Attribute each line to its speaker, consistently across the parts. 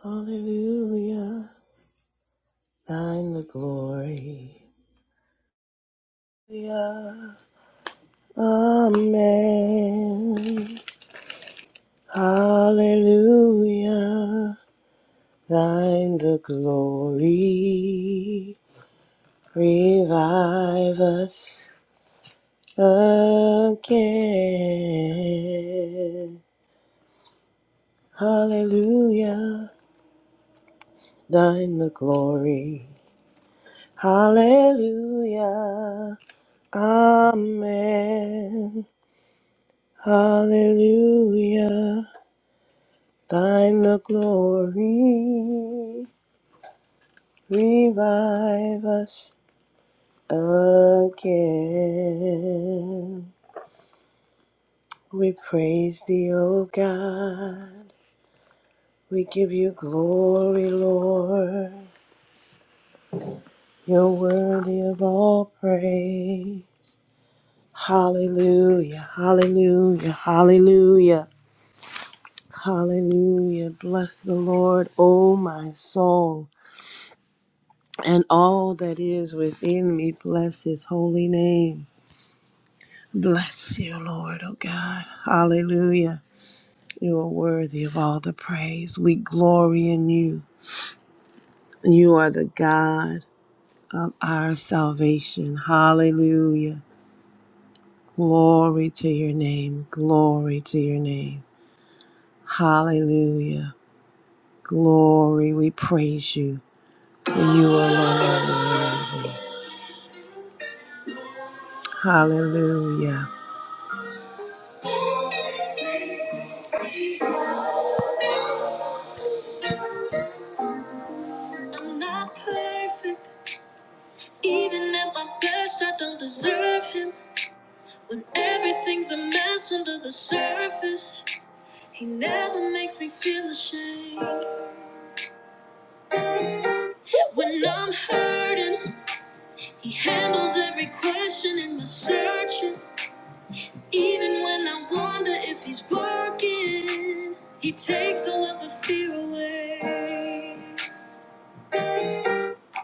Speaker 1: Hallelujah. Thine the glory. Hallelujah. Amen. Hallelujah. Thine the glory. Revive us again. Hallelujah. Thine the glory. Hallelujah. Amen. Hallelujah. Thine the glory. Revive us again. We praise thee, O God. We give you glory, Lord. You're worthy of all praise. Hallelujah, hallelujah, hallelujah, hallelujah. Bless the Lord, O my soul and all that is within me. Bless his holy name. Bless you, Lord, oh God. Hallelujah. You are worthy of all the praise. We glory in you. You are the God of our salvation. Hallelujah. Glory to your name. Glory to your name. Hallelujah. Glory. We praise you. For you alone are worthy. Hallelujah. Even at my best, I don't deserve him. When everything's a mess under the surface, he never makes me feel ashamed. When I'm hurting, he handles every question in my searching. Even when I wonder if he's working, he takes all of the fear away.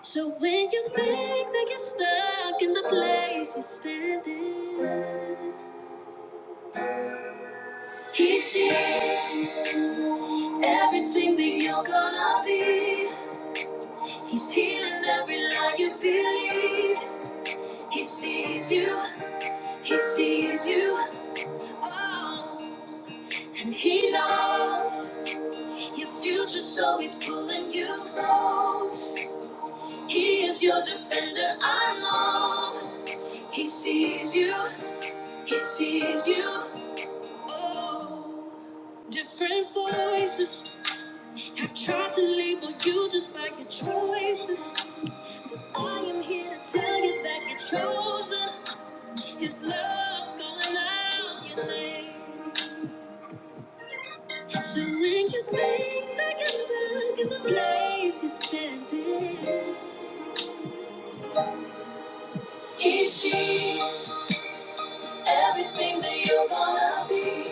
Speaker 1: So when you think that you're stuck in the place you're standing, He sees everything that you're gonna be. He's healing every lie you believed. He sees you, he sees you. Oh, and he knows your future, so he's pulling you close. He is your defender, I know. He sees you, he sees you. Oh, different voices I've tried to label you just by your choices. I am here to tell you that you're chosen. His love's calling out your name. So when you think that you're stuck in the place you're standing, He sees everything that you're gonna be.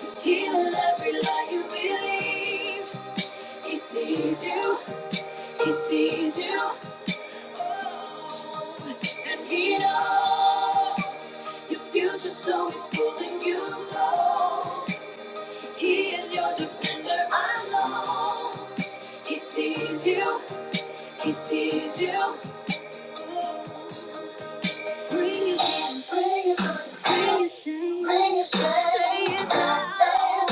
Speaker 1: He's healing every lie you believe. He sees you. He sees you. And he knows your future, so he's pulling you close. He is your defender, I know. He sees you, he sees you. Bring your pain, bring your burden, bring your shame, bring your shame. Lay it down, lay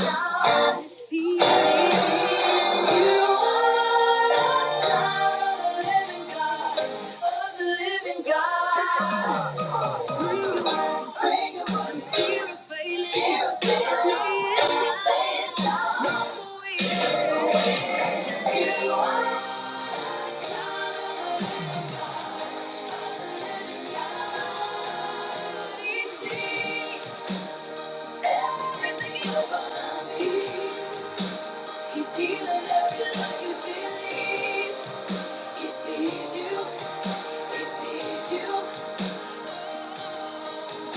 Speaker 1: at His feet. You are a child of the living God, of the living God. Bring your burdens, bring your burden, fear of failing. Fear of failing. Lay it down, No more waiting. He's healing everything you believe. He sees you. He sees you.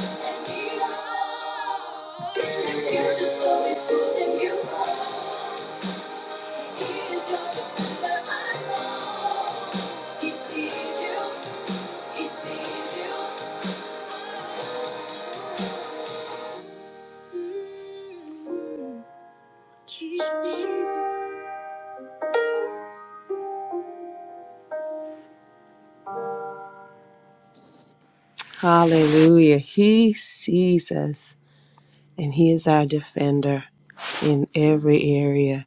Speaker 1: And he knows. If you just know he's pulling He is your defender, I know. He sees you. He sees you. Mm-hmm. He sees you. Hallelujah. He sees us and He is our defender in every area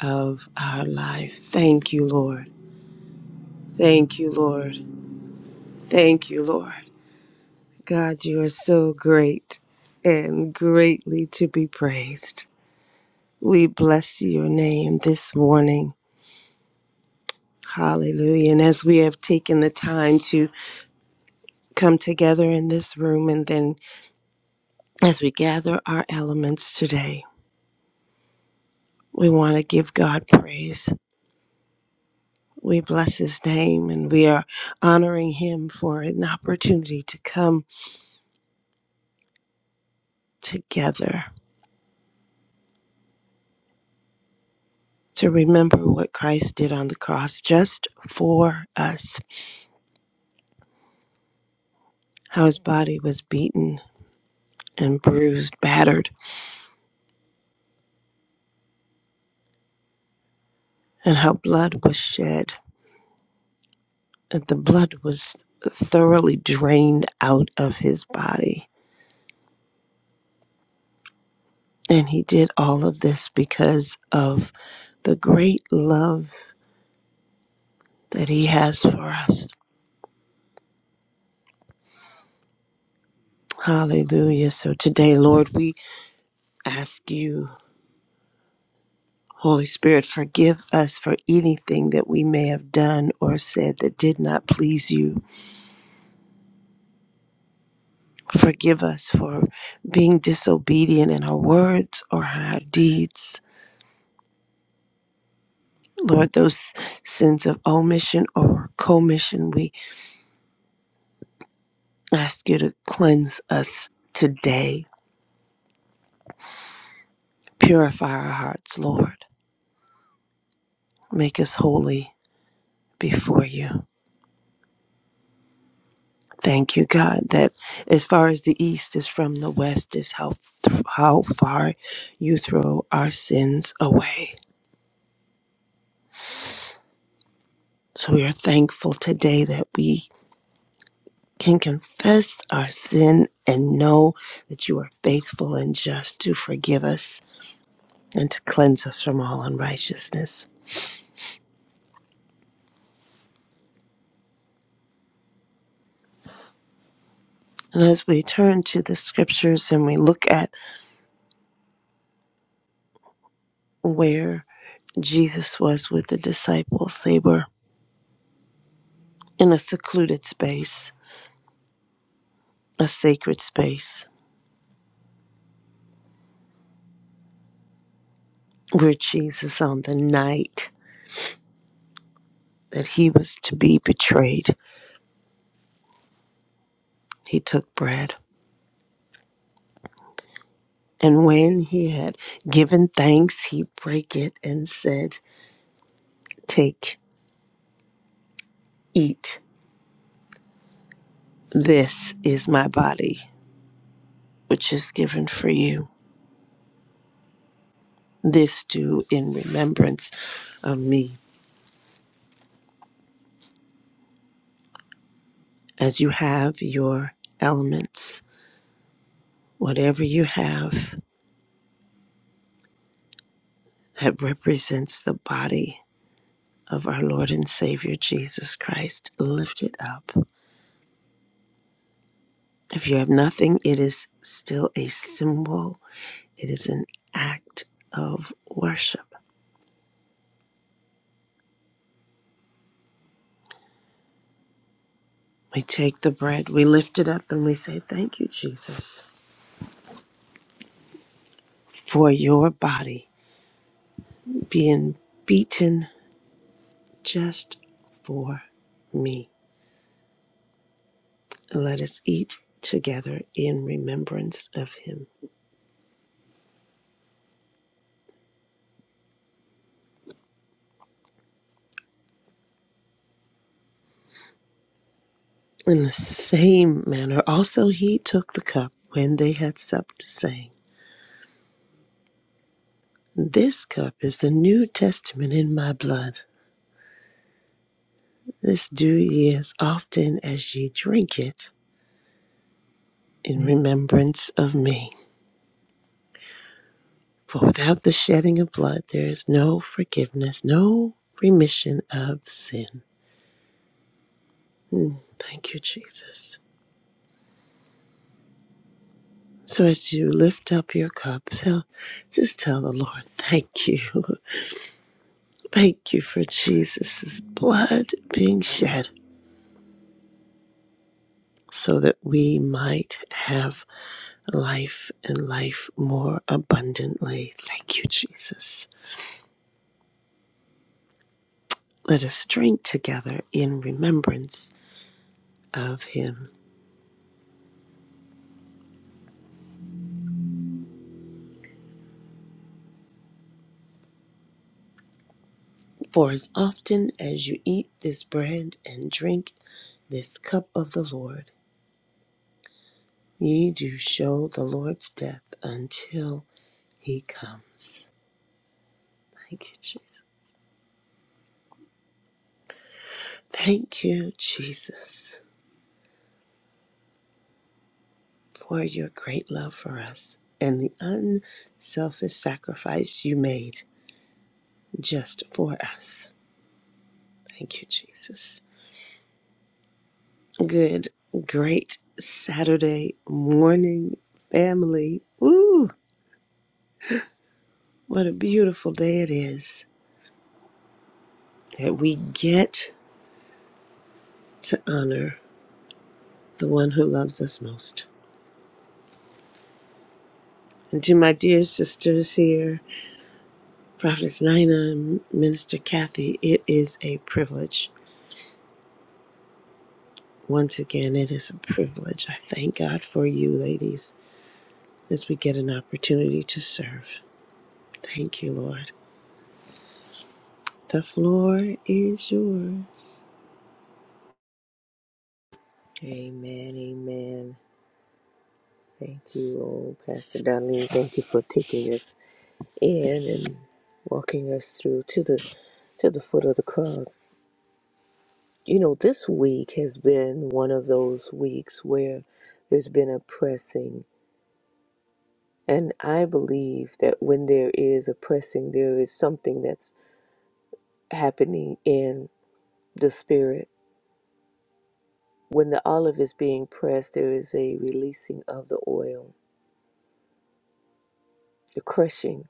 Speaker 1: of our life. Thank you, Lord. Thank you, Lord. Thank you, Lord. God, you are so great and greatly to be praised. We bless your name this morning. Hallelujah. And as we have taken the time to come together in this room. And then as we gather our elements today, we want to give God praise. We bless his name and we are honoring him for an opportunity to come together to remember what Christ did on the cross just for us, how his body was beaten and bruised, battered, and how blood was shed, that the blood was thoroughly drained out of his body And he did all of this because of the great love that he has for us. Hallelujah. So today, Lord, we ask you, Holy Spirit, forgive us for anything that we may have done or said that did not please you. Forgive us for being disobedient in our words or in our deeds. Lord, those sins of omission or commission, we ask you to cleanse us today Purify our hearts, Lord. Make us holy before you. Thank you, God, that as far as the east is from the west is how, how far you throw our sins away. So we are thankful today that we can confess our sin and know that you are faithful and just to forgive us and to cleanse us from all unrighteousness. And as we turn to the scriptures and we look at where Jesus was with the disciples. They were in a secluded space, a sacred space, where Jesus, on the night that he was to be betrayed, he took bread. And when he had given thanks, he brake it and said, Take, eat. This is my body, which is given for you. This do in remembrance of me, as you have your elements. whatever you have that represents the body of our Lord and Savior Jesus Christ, lift it up. If you have nothing, it is still a symbol, it is an act of worship. We take the bread, we lift it up, and we say, Thank you, Jesus, for your body being beaten just for me. Let us eat together in remembrance of him. In the same manner, also he took the cup when they had supped, saying, This cup is the New Testament in my blood. This do ye as often as ye drink it in remembrance of me. For without the shedding of blood, there is no forgiveness, no remission of sin. Mm, thank you, Jesus. So as you lift up your cup, tell, just tell the Lord, thank you. Thank you for Jesus' blood being shed so that we might have life and life more abundantly. Thank you, Jesus. Let us drink together in remembrance of him. For as often as you eat this bread and drink this cup of the Lord, ye do show the Lord's death until he comes. Thank you, Jesus. Thank you, Jesus. for your great love for us and the unselfish sacrifice you made just for us. Thank you, Jesus. Good, great Saturday morning, family. Woo! What a beautiful day it is that we get to honor the one who loves us most. And to my dear sisters here, Prophetess Nina, and Minister Kathy, it is a privilege Once again, it is a privilege. I thank God for you, ladies, as we get an opportunity to serve. Thank you, Lord. The floor is yours.
Speaker 2: Amen, amen. Thank you, oh, Pastor Darlene. Thank you for taking us in and walking us through to the to the foot of the cross. You know, this week has been one of those weeks where there's been a pressing, and I believe that when there is a pressing, there is something that's happening in the spirit. When the olive is being pressed, there is a releasing of the oil, the crushing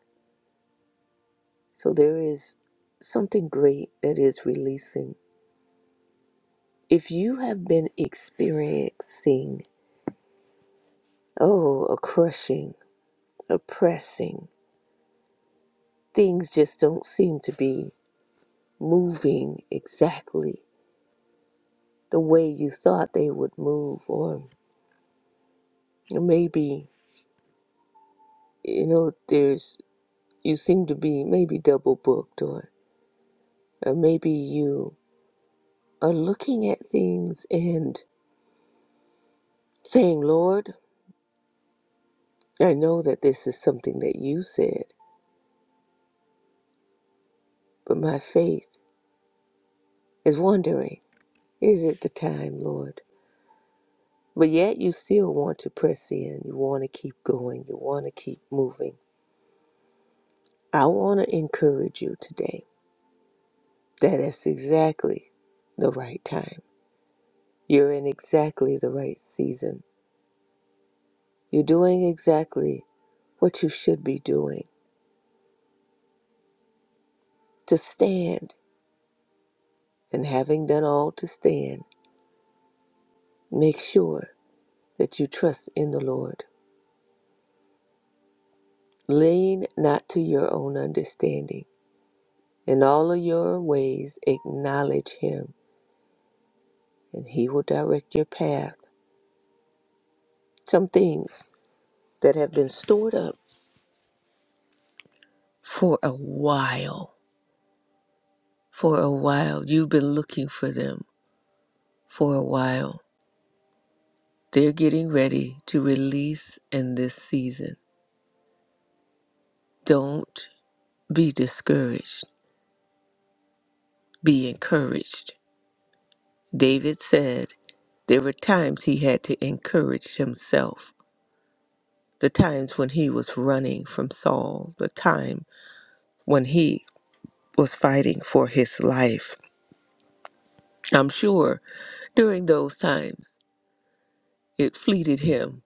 Speaker 2: So there is something great that is releasing. If you have been experiencing, oh, a crushing, a pressing, things just don't seem to be moving exactly the way you thought they would move, or maybe, you know, there's, you seem to be maybe double booked, or, or maybe you are looking at things and saying, Lord, I know that this is something that you said but my faith is wondering, is it the time, Lord? But yet you still want to press in. You want to keep going. You want to keep moving. I want to encourage you today that it's exactly the right time. You're in exactly the right season. You're doing exactly what you should be doing to stand. And having done all to stand, make sure that you trust in the Lord. Lean not to your own understanding In all of your ways, acknowledge Him, and He will direct your path. Some things that have been stored up for a while. For a while. You've been looking for them for a while. They're getting ready to release in this season. Don't be discouraged, be encouraged. David said there were times he had to encourage himself, the times when he was running from Saul, the time when he was fighting for his life. I'm sure during those times it fleeted him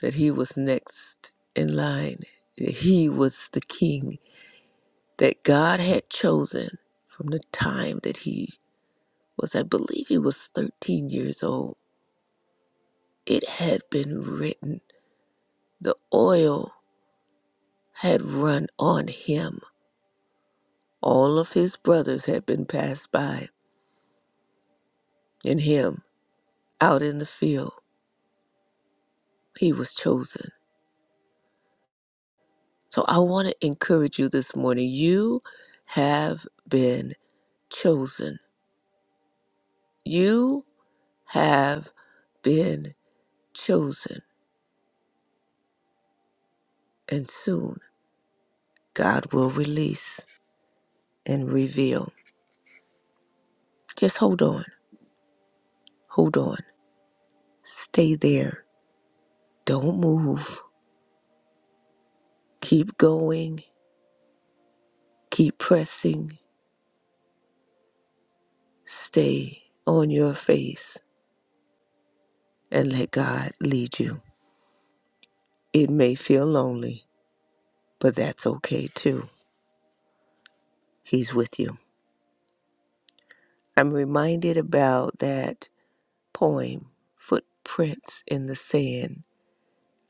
Speaker 2: that he was next in line, that he was the king that God had chosen from the time that he was, I believe he was 13 years old. It had been written, the oil had run on him. All of his brothers had been passed by, and him out in the field, he was chosen So I want to encourage you this morning. You have been chosen. You have been chosen. And soon God will release and reveal. Just hold on. Hold on. Stay there. Don't move. Keep going. Keep pressing. Stay on your face and let God lead you. It may feel lonely, but that's okay too. He's with you. I'm reminded about that poem, Footprints in the Sand.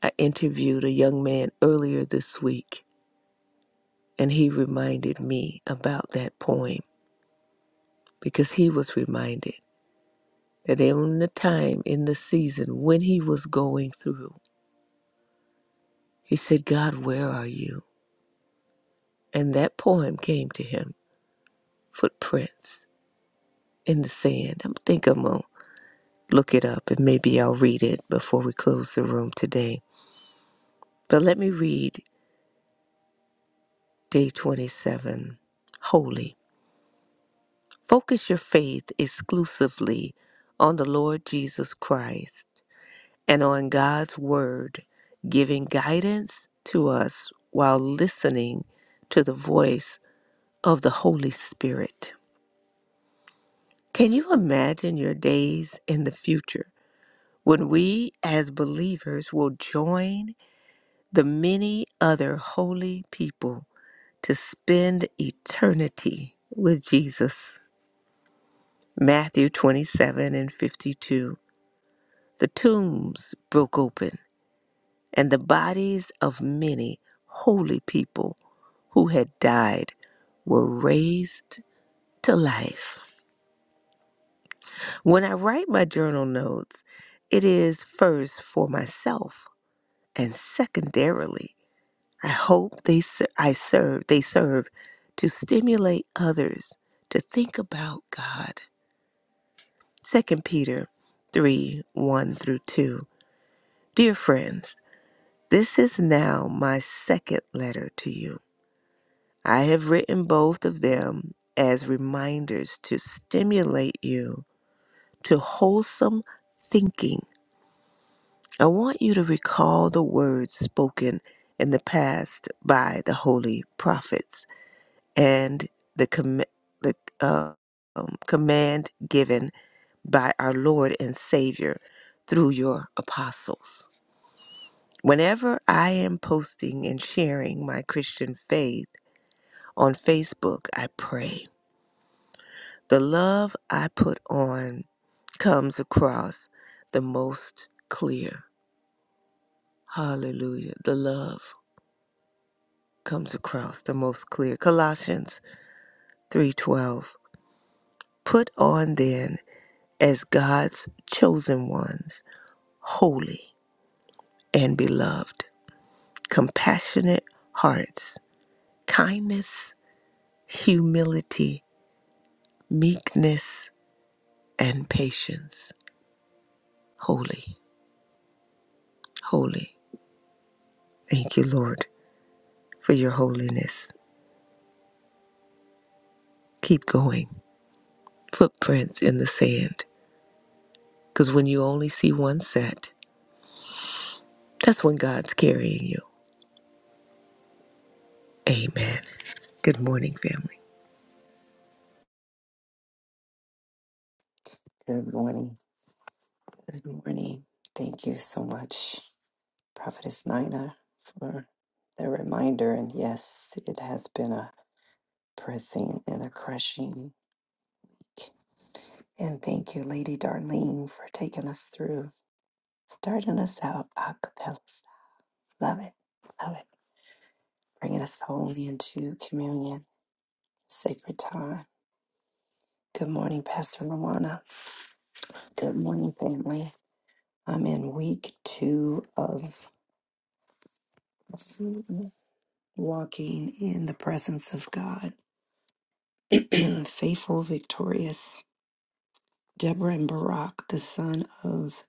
Speaker 2: I interviewed a young man earlier this week, and he reminded me about that poem because he was reminded that in the time, in the season, when he was going through, he said, God, where are you? And that poem came to him, Footprints in the Sand. I think I'm going to look it up and maybe I'll read it before we close the room today. But let me read Day 27. Holy. Focus your faith exclusively on the Lord Jesus Christ and on God's Word, giving guidance to us while listening to the voice of the Holy Spirit. Can you imagine your days in the future when we as believers will join the many other holy people to spend eternity with Jesus? Matthew 27 and 52. The tombs broke open, and the bodies of many holy people who had died were raised to life. When I write my journal notes, it is first for myself, and secondarily, I hope they ser- I serve they serve to stimulate others to think about God. Second Peter 3 1 through 2. Dear friends, this is now my second letter to you. I have written both of them as reminders to stimulate you to wholesome thinking. I want you to recall the words spoken in the past by the holy prophets and the, com- the uh, um, command given by our Lord and Savior through your apostles. Whenever I am posting and sharing my Christian faith on Facebook, I pray. The love I put on comes across the most clear. Hallelujah. The love comes across the most clear. Colossians 3:12. Put on then as God's chosen ones, holy and beloved, compassionate hearts, kindness, humility, meekness, and patience. Holy, holy. Thank you, Lord, for your holiness. Keep going. Footprints in the sand. Because when you only see one set, that's when God's carrying you. Amen. Good morning, family.
Speaker 3: Good morning. Good morning. Thank you so much, Prophetess Nina, for the reminder. And yes, it has been a pressing and a crushing. week. And thank you, Lady Darlene, for taking us through, starting us out a cappella. style. Love it. Love it. Bringing us home into communion, sacred time. Good morning, Pastor Luana. Good morning, family. I'm in week two of walking in the presence of God. Faithful, victorious. Deborah and Barak, the son of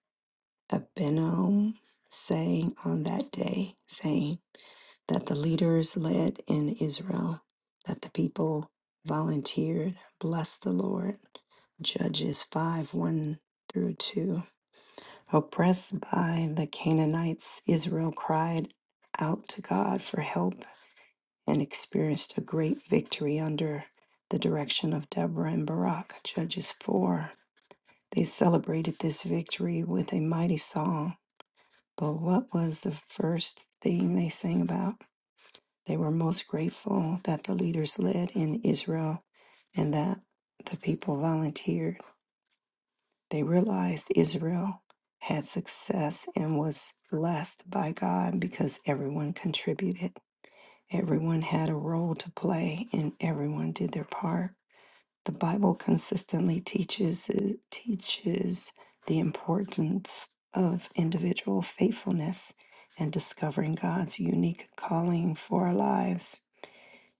Speaker 3: Abinom, sang on that day, saying that the leaders led in Israel, that the people volunteered, Bless the Lord. Judges 5 1 through 2. Oppressed by the Canaanites, Israel cried out to God for help and experienced a great victory under the direction of Deborah and Barak, Judges 4. They celebrated this victory with a mighty song. But what was the first thing they sang about? They were most grateful that the leaders led in Israel and that the people volunteered. They realized Israel had success and was blessed by God because everyone contributed. Everyone had a role to play and everyone did their part. The Bible consistently teaches uh, teaches the importance of individual faithfulness and discovering God's unique calling for our lives.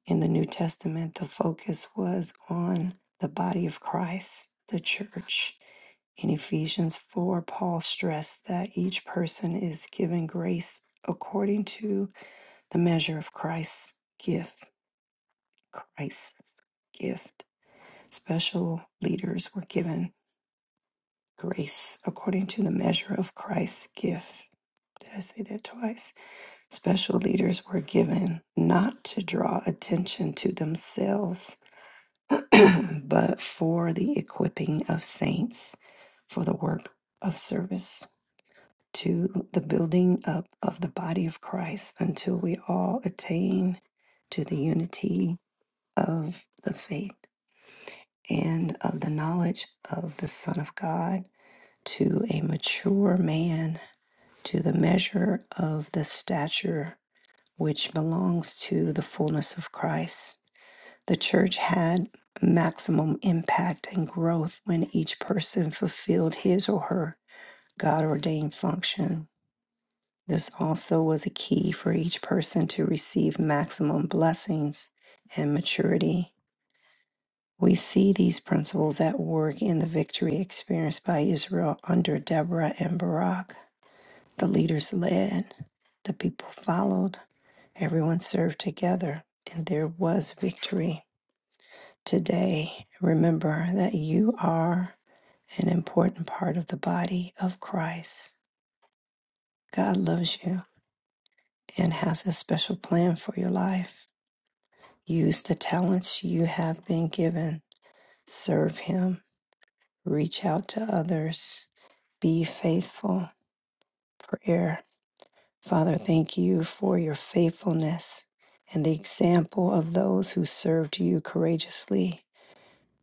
Speaker 3: In the New Testament, the focus was on the body of Christ, the church. In Ephesians 4, Paul stressed that each person is given grace according to the measure of Christ's gift. Christ's gift. Special leaders were given grace according to the measure of Christ's gift. Did I say that twice? Special leaders were given not to draw attention to themselves, but for the equipping of saints for the work of service to the building up of the body of Christ until we all attain to the unity of the faith and of the knowledge of the Son of God to a mature man to the measure of the stature which belongs to the fullness of Christ. The church had maximum impact and growth when each person fulfilled his or her God ordained function. This also was a key for each person to receive maximum blessings and maturity. We see these principles at work in the victory experienced by Israel under Deborah and Barak. The leaders led, the people followed, Everyone served together, and there was victory. Today, remember that you are an important part of the body of Christ. God loves you and has a special plan for your life. Use the talents you have been given, serve Him, reach out to others, be faithful. Prayer. Father, thank you for your faithfulness and the example of those who served you courageously.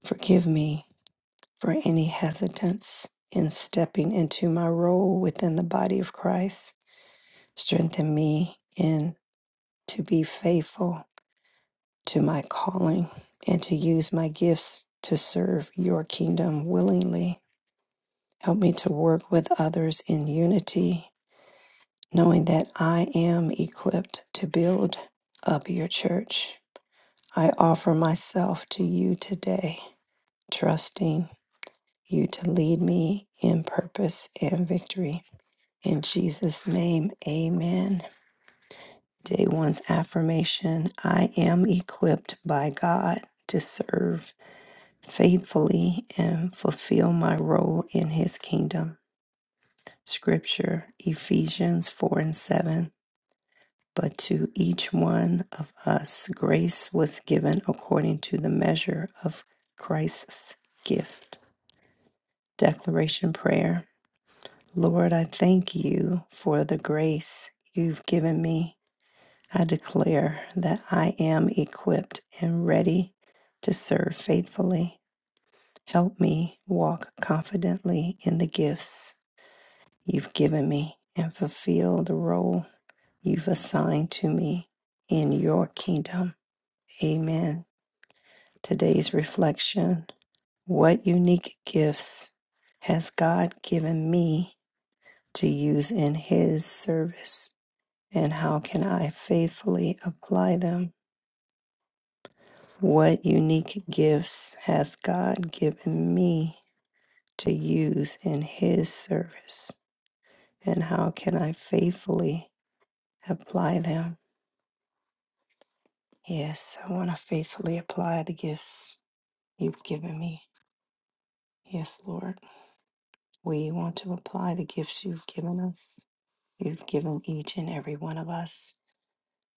Speaker 3: Forgive me for any hesitance in stepping into my role within the body of Christ. Strengthen me in to be faithful to my calling and to use my gifts to serve your kingdom willingly. Help me to work with others in unity, knowing that I am equipped to build up your church. I offer myself to you today, trusting you to lead me in purpose and victory. In Jesus' name, amen. Day one's affirmation I am equipped by God to serve faithfully and fulfill my role in his kingdom. Scripture Ephesians 4 and 7. But to each one of us, grace was given according to the measure of Christ's gift. Declaration Prayer Lord, I thank you for the grace you've given me I declare that I am equipped and ready to serve faithfully. Help me walk confidently in the gifts you've given me and fulfill the role you've assigned to me in your kingdom. Amen. Today's reflection What unique gifts has God given me to use in His service? And how can I faithfully apply them? What unique gifts has God given me to use in His service? And how can I faithfully apply them? Yes, I want to faithfully apply the gifts you've given me. Yes, Lord. We want to apply the gifts you've given us. You've given each and every one of us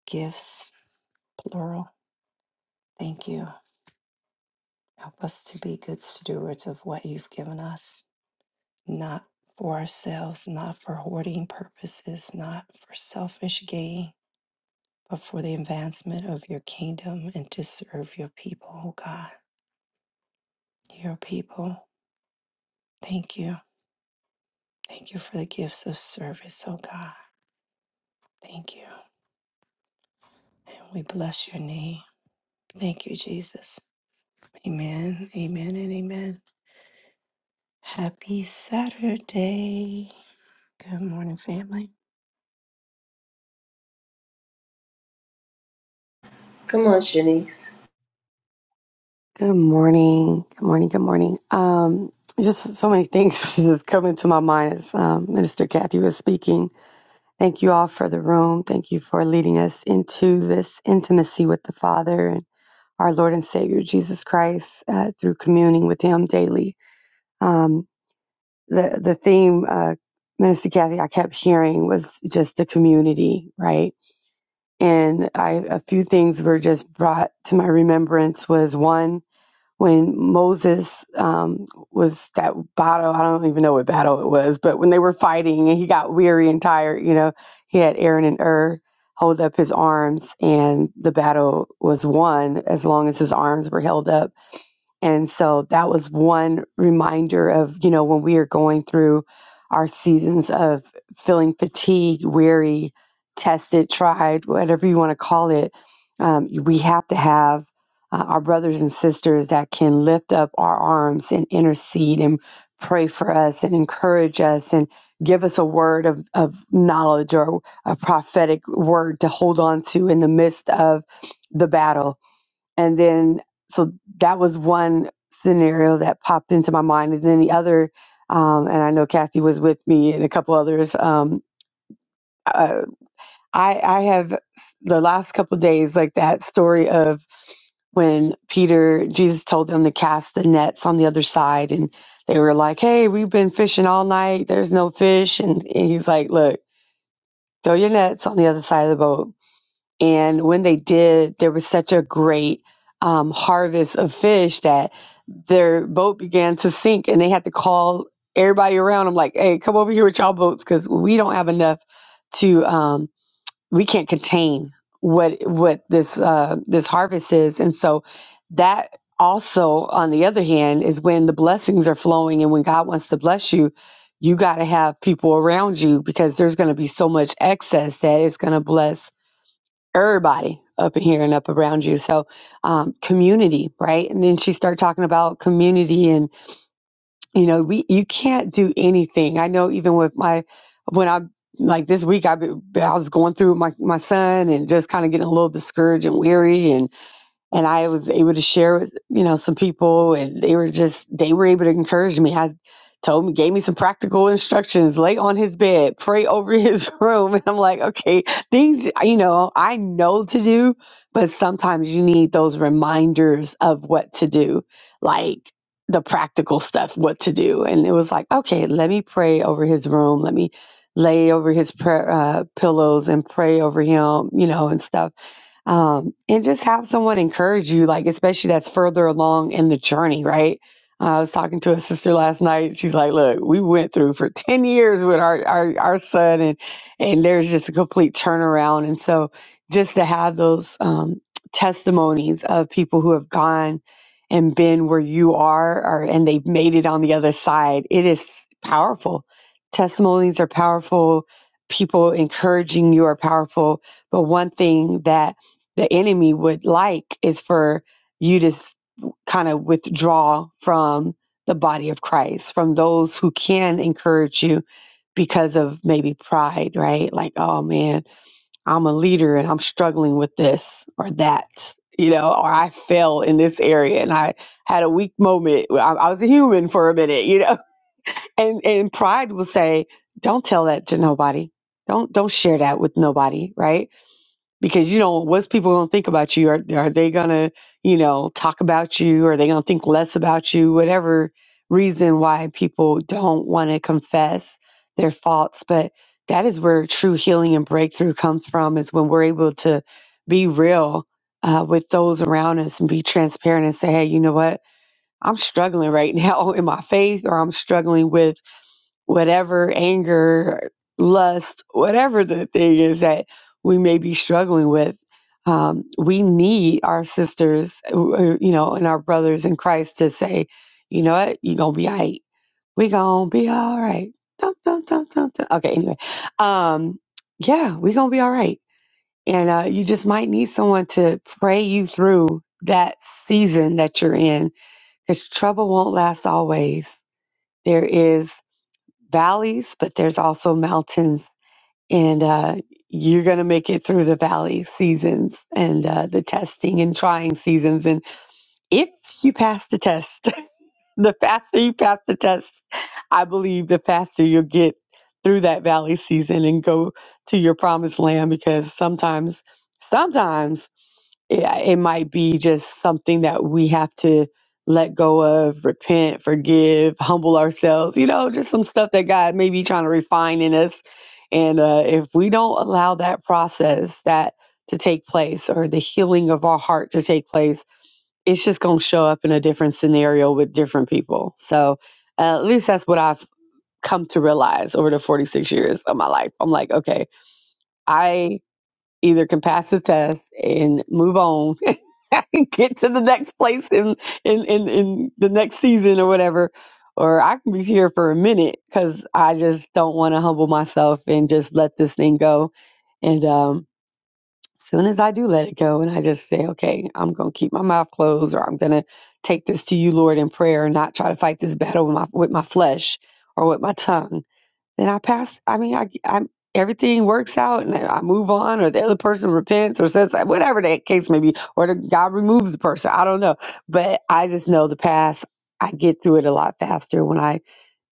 Speaker 3: gifts, plural. Thank you. Help us to be good stewards of what you've given us. not for ourselves, not for hoarding purposes, not for selfish gain, but for the advancement of your kingdom and to serve your people, oh God. Your people, thank you. Thank you for the gifts of service, oh God. Thank you. And we bless your name. Thank you, Jesus. Amen, amen, and amen. Happy Saturday. Good morning, family.
Speaker 1: Come on, Shanice.
Speaker 4: Good morning. Good morning. Good morning. Um, just so many things just coming to my mind as um, Minister Kathy was speaking. Thank you all for the room. Thank you for leading us into this intimacy with the Father and our Lord and Savior Jesus Christ uh, through communing with Him daily. Um, the the theme, uh, Minister Kathy, I kept hearing was just the community, right? And I a few things were just brought to my remembrance was one when Moses um, was that battle. I don't even know what battle it was, but when they were fighting and he got weary and tired, you know, he had Aaron and Ur hold up his arms, and the battle was won as long as his arms were held up and so that was one reminder of, you know, when we are going through our seasons of feeling fatigued, weary, tested, tried, whatever you want to call it, um, we have to have uh, our brothers and sisters that can lift up our arms and intercede and pray for us and encourage us and give us a word of, of knowledge or a prophetic word to hold on to in the midst of the battle and then, so that was one scenario that popped into my mind. And then the other, um, and I know Kathy was with me and a couple others. Um, uh, I, I have the last couple of days, like that story of when Peter, Jesus told them to cast the nets on the other side. And they were like, hey, we've been fishing all night. There's no fish. And, and he's like, look, throw your nets on the other side of the boat and when they did, there was such a great um, harvest of fish that their boat began to sink, and they had to call everybody around. I'm like, "Hey, come over here with y'all boats, because we don't have enough to. Um, we can't contain what what this uh, this harvest is." And so that also, on the other hand, is when the blessings are flowing, and when God wants to bless you. You got to have people around you because there's going to be so much excess that it's going to bless everybody up in here and up around you. So, um, community, right? And then she started talking about community and, you know, we, you can't do anything. I know even with my, when I, like this week, I, I was going through my, my son and just kind of getting a little discouraged and weary. and and I was able to share with you know some people, and they were just they were able to encourage me. I told me gave me some practical instructions: lay on his bed, pray over his room, and I'm like, okay, things you know I know to do, but sometimes you need those reminders of what to do, like the practical stuff, what to do. And it was like, okay, let me pray over his room, let me lay over his prayer, uh, pillows and pray over him, you know, and stuff um, and just have someone encourage you, like especially that's further along in the journey, right? Uh, I was talking to a sister last night. She's like, "Look, we went through for ten years with our our our son, and and there's just a complete turnaround." And so, just to have those um, testimonies of people who have gone and been where you are, or and they've made it on the other side, it is powerful. Testimonies are powerful. People encouraging you are powerful. But one thing that the enemy would like is for you to kind of withdraw from the body of Christ, from those who can encourage you because of maybe pride, right? Like, oh man, I'm a leader and I'm struggling with this or that, you know, or I fell in this area and I had a weak moment. Well, I, I was a human for a minute, you know, and and pride will say, don't tell that to nobody. Don't don't share that with nobody, right? because you know what's people going to think about you are, are they going to you know talk about you are they going to think less about you whatever reason why people don't want to confess their faults but that is where true healing and breakthrough comes from is when we're able to be real uh, with those around us and be transparent and say hey you know what i'm struggling right now in my faith or i'm struggling with whatever anger, lust, whatever the thing is that we may be struggling with. Um, we need our sisters, uh, uh, you know, and our brothers in Christ to say, you know what, you're gonna be all right. We gonna be all right. Dun, dun, dun, dun, dun. Okay, anyway, um, yeah, we gonna be all right. And uh, you just might need someone to pray you through that season that you're in, because trouble won't last always. There is valleys, but there's also mountains, and uh, you're going to make it through the valley seasons and uh, the testing and trying seasons. And if you pass the test, the faster you pass the test, I believe the faster you'll get through that valley season and go to your promised land because sometimes, sometimes yeah, it might be just something that we have to let go of, repent, forgive, humble ourselves, you know, just some stuff that God may be trying to refine in us. And uh, if we don't allow that process that to take place or the healing of our heart to take place, it's just going to show up in a different scenario with different people. So uh, at least that's what I've come to realize over the 46 years of my life. I'm like, okay, I either can pass the test and move on get to the next place in, in in in the next season or whatever or i can be here for a minute because i just don't want to humble myself and just let this thing go and um soon as i do let it go and i just say okay i'm gonna keep my mouth closed or i'm gonna take this to you lord in prayer and not try to fight this battle with my with my flesh or with my tongue then I pass. I mean, I, I everything works out, and I move on, or the other person repents, or says whatever that case may be, or the, God removes the person. I don't know, but I just know the past. I get through it a lot faster when I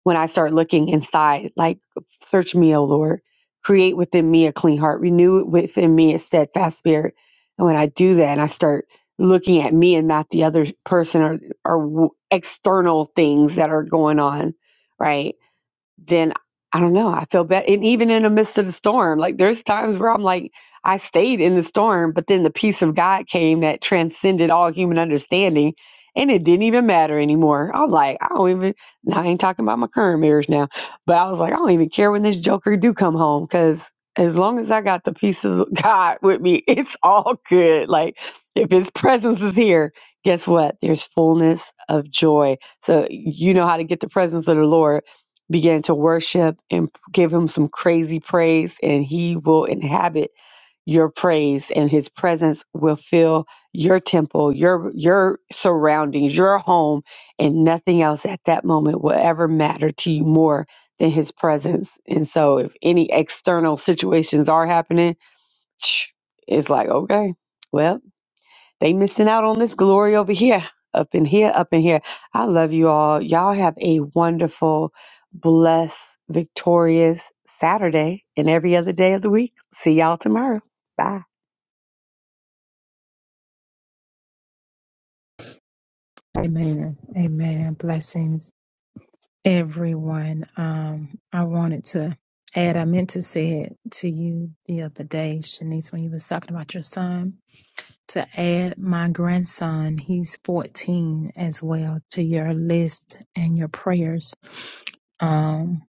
Speaker 4: when I start looking inside. Like, search me, O Lord, create within me a clean heart, renew within me a steadfast spirit. And when I do that, and I start looking at me and not the other person or or w- external things that are going on, right? then I don't know. I feel bad. And even in the midst of the storm, like there's times where I'm like, I stayed in the storm, but then the peace of God came that transcended all human understanding. And it didn't even matter anymore. I'm like, I don't even, now I ain't talking about my current marriage now, but I was like, I don't even care when this joker do come home because as long as I got the peace of God with me, it's all good. Like if his presence is here, guess what? There's fullness of joy. So you know how to get the presence of the Lord began to worship and give him some crazy praise, and he will inhabit your praise, and his presence will fill your temple, your your surroundings, your home, and nothing else at that moment will ever matter to you more than his presence. And so, if any external situations are happening, it's like okay, well they missing out on this glory over here, up in here, up in here. I love you all. Y'all have a wonderful, blessed, victorious Saturday and every other day of the week. See y'all tomorrow. Bye.
Speaker 5: Amen. Amen. Blessings, everyone. Um, I wanted to add, I meant to say it to you the other day, Shanice, when you was talking about your son, to add my grandson, he's 14 as well, to your list and your prayers. Um,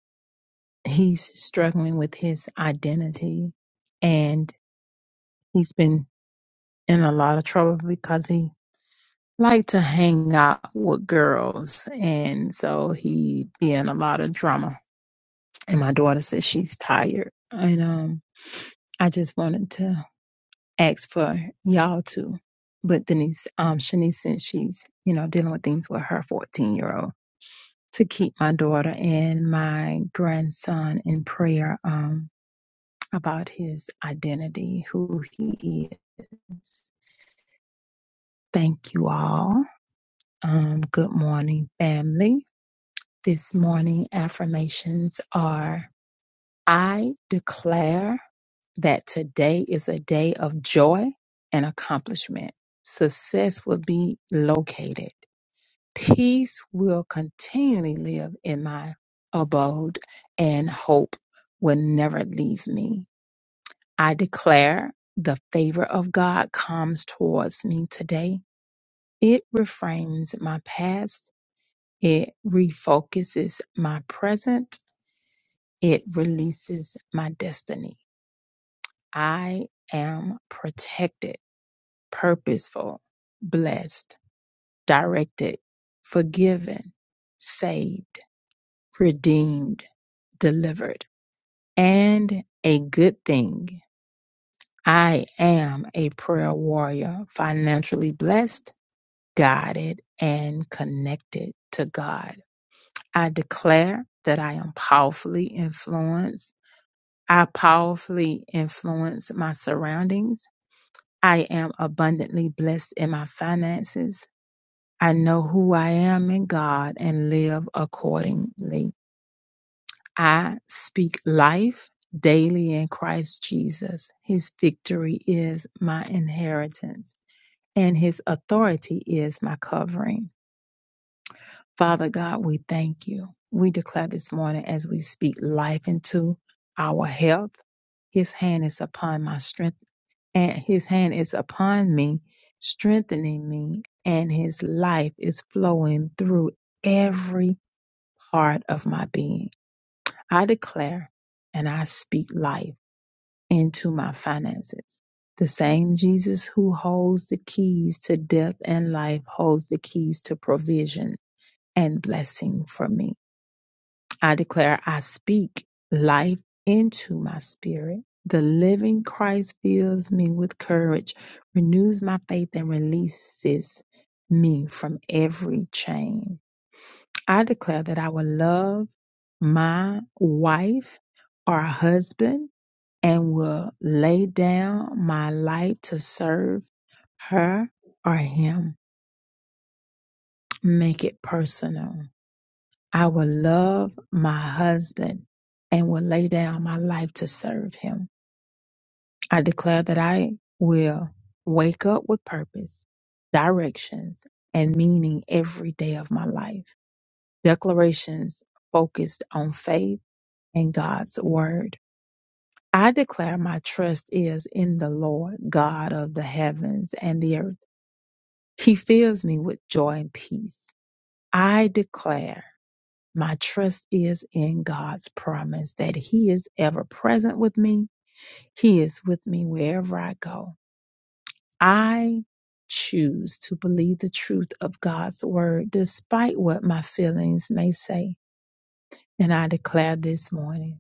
Speaker 5: he's struggling with his identity and he's been in a lot of trouble because he like to hang out with girls and so he be in a lot of drama and my daughter says she's tired and um i just wanted to ask for y'all to but denise um shanice since she's you know dealing with things with her 14 year old to keep my daughter and my grandson in prayer um about his identity who he is thank you all um good morning family This morning affirmations are I declare that today is a day of joy and accomplishment. Success will be located. Peace will continually live in my abode, and hope will never leave me. I declare the favor of God comes towards me today. It reframes my past, it refocuses my present It releases my destiny. I am protected, purposeful, blessed, directed, forgiven, saved, redeemed, delivered, and a good thing. I am a prayer warrior, financially blessed, guided, and connected to God. I declare that I am powerfully influenced. I powerfully influence my surroundings. I am abundantly blessed in my finances. I know who I am in God and live accordingly. I speak life daily in Christ Jesus. His victory is my inheritance, and his authority is my covering. Father God, we thank you. We declare this morning as we speak life into our health. His hand is upon my strength and his hand is upon me, strengthening me, and his life is flowing through every part of my being. I declare and I speak life into my finances. The same Jesus who holds the keys to death and life holds the keys to provision and blessing for me. I declare I speak life into my spirit. The living Christ fills me with courage, renews my faith, and releases me from every chain. I declare that I will love my wife or husband and will lay down my life to serve her or him. Make it personal. I will love my husband and will lay down my life to serve him. I declare that I will wake up with purpose, directions, and meaning every day of my life. Declarations focused on faith and God's word. I declare my trust is in the Lord, God of the heavens and the earth. He fills me with joy and peace. I declare My trust is in God's promise that He is ever present with me. He is with me wherever I go. I choose to believe the truth of God's word despite what my feelings may say. And I declare this morning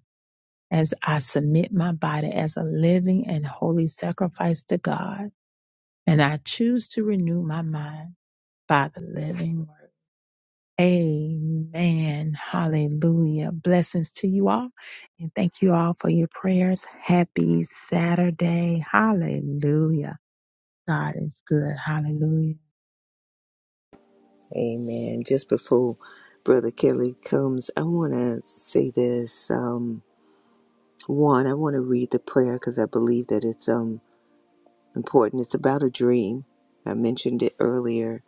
Speaker 5: as I submit my body as a living and holy sacrifice to God, and I choose to renew my mind by the living word. Amen. Hallelujah. Blessings to you all. And thank you all for your prayers. Happy Saturday. Hallelujah. God is good. Hallelujah.
Speaker 2: Amen. Just before Brother Kelly comes, I want to say this. Um, one, I want to read the prayer because I believe that it's um important. It's about a dream. I mentioned it earlier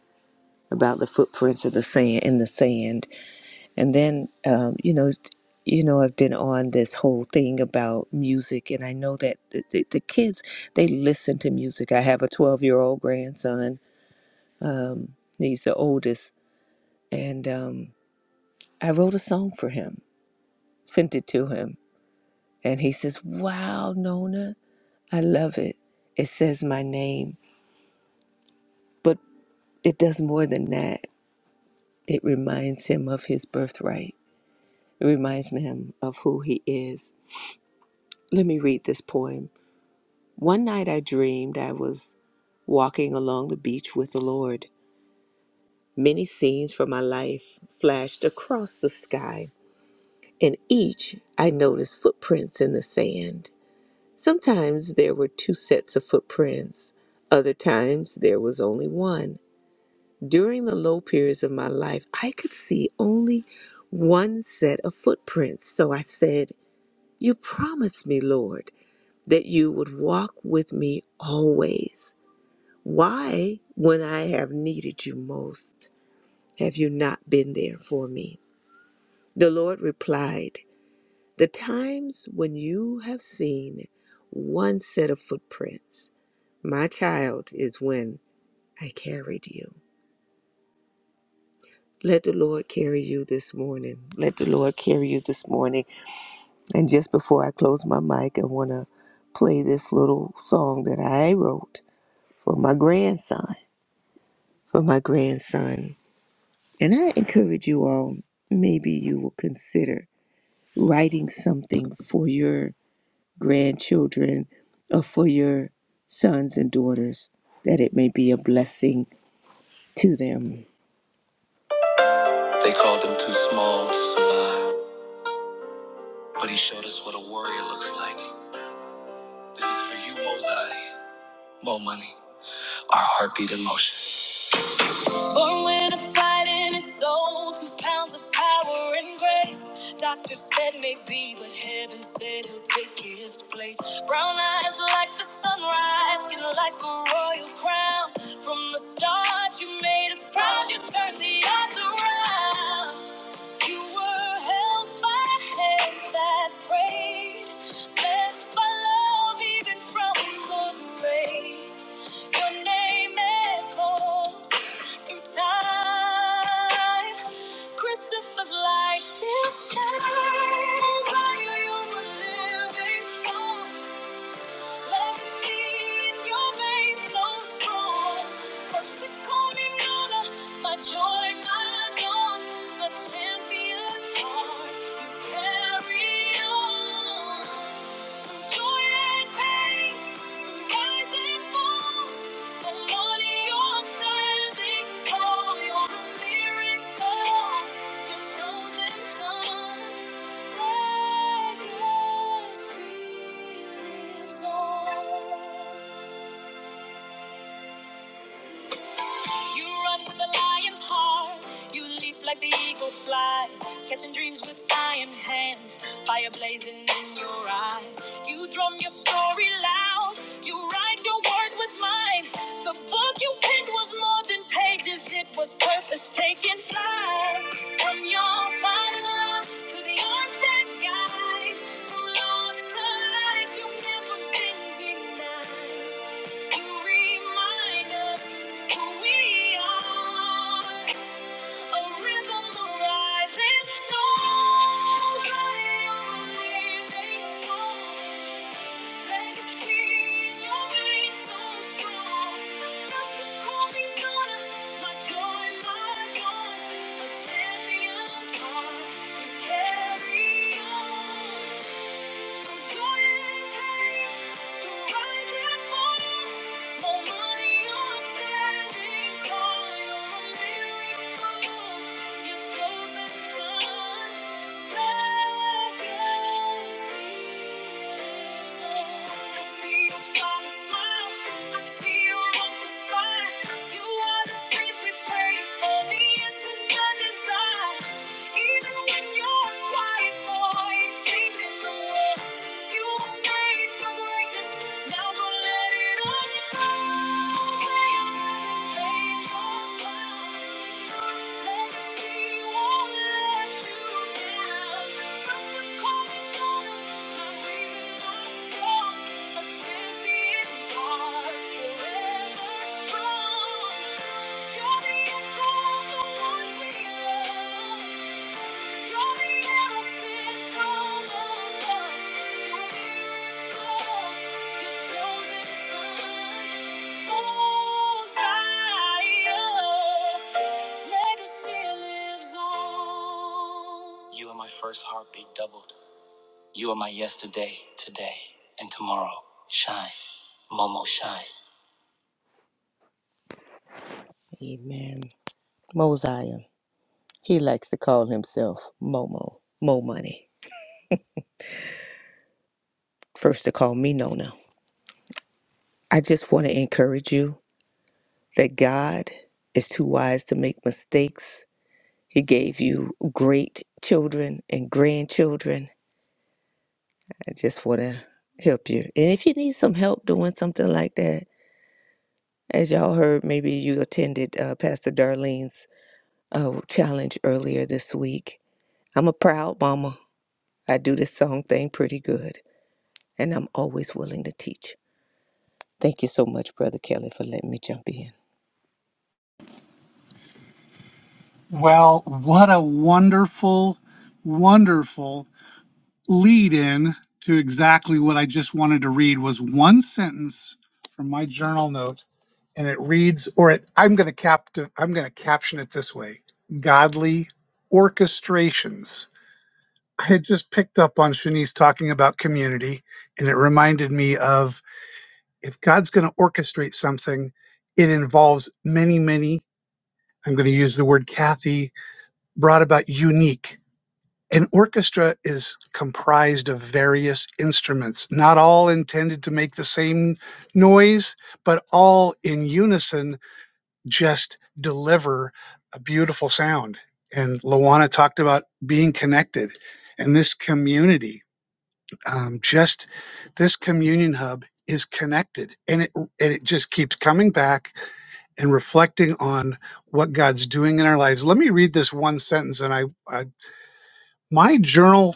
Speaker 2: about the footprints of the sand in the sand, And then, um, you know, you know, I've been on this whole thing about music, and I know that the, the, the kids they listen to music. I have a twelve-year-old grandson. Um, he's the oldest, and um, I wrote a song for him, sent it to him, and he says, "Wow, Nona, I love it. It says my name, but it does more than that. It reminds him of his birthright. It reminds him of who he is." Let me read this poem. One night I dreamed I was walking along the beach with the Lord. Many scenes from my life flashed across the sky. In each, I noticed footprints in the sand. Sometimes there were two sets of footprints, other times there was only one. During the low periods of my life, I could see only one set of footprints. So I said, You promised me, Lord, that you would walk with me always. Why, when I have needed you most, have you not been there for me? The Lord replied, The times when you have seen one set of footprints, my child, is when I carried you. Let the Lord carry you this morning. Let the Lord carry you this morning. And just before I close my mic, I want to play this little song that I wrote for my grandson. For my grandson. And I encourage you all, maybe you will consider writing something for your grandchildren or for your sons and daughters that it may be a blessing to them. They called him too small to survive, but he showed us what a warrior looks like. This is for you, Mosai. More money, our heartbeat emotion. Born with a fight in his soul, two pounds of power and grace. Doctors said maybe, but heaven said he'll take his place. Brown eyes like the sunrise, skin like a royal crown. From the start, you made us proud, you turned the odds around. You were held by hands that prayed, blessed by love even from the grave. Your name echoes through time. Christopher's light still shines. While you were living song, legacy in your veins so strong. First to call me Nona, my joy, my dawn. A champion's heart, you carry on. Through joy and pain. You run with the lion's heart. You leap like the eagle flies, catching dreams with iron hands, fire blazing in your eyes. You drum your story loud. You write your words with mine. The book you picked was more than pages, it was purpose taking flight. From your father's love to the arms that guide, from lost to light, you've never been denied. You remind us who we are. A rhythm of rising storms, running on a waving song. Legacy in your veins so strong. Just a holy honor, my joy, my dawn. A champion's heart, you carry on. Through joy and pain, through you are the dreams we pray for, the answer to desire. Even when you're a quiet boy, changing the world. You were made for greatness. Now go let it all out. Say your prayers and pave your ground. Legacy won't let you down. First the calling, now the reason I sung. A champion. Amen. Mosiah. He likes to call himself Momo. Mo Money. First to call me Nona. I just want to encourage you that God is too wise to make mistakes. He gave you great children and grandchildren. I just want to help you. And if you need some help doing something like that, as y'all heard, maybe you attended uh, Pastor Darlene's uh, challenge earlier this week. I'm a proud mama. I do this song thing pretty good, and I'm always willing to teach. Thank you so much, Brother Kelly, for letting me jump in.
Speaker 6: Well, what a wonderful, wonderful lead in to exactly what I just wanted to read was one sentence from my journal note and it reads or it I'm going to cap I'm going to caption it this way. Godly orchestrations. I had just picked up on Shanice talking about community and it reminded me of if God's going to orchestrate something, it involves many, many I'm going to use the word Kathy brought about unique An orchestra is comprised of various instruments, not all intended to make the same noise, but all in unison just deliver a beautiful sound. And Lawana talked about being connected and this community, um, just this communion hub is connected and it and it just keeps coming back and reflecting on what God's doing in our lives. Let me read this one sentence and I, I my journal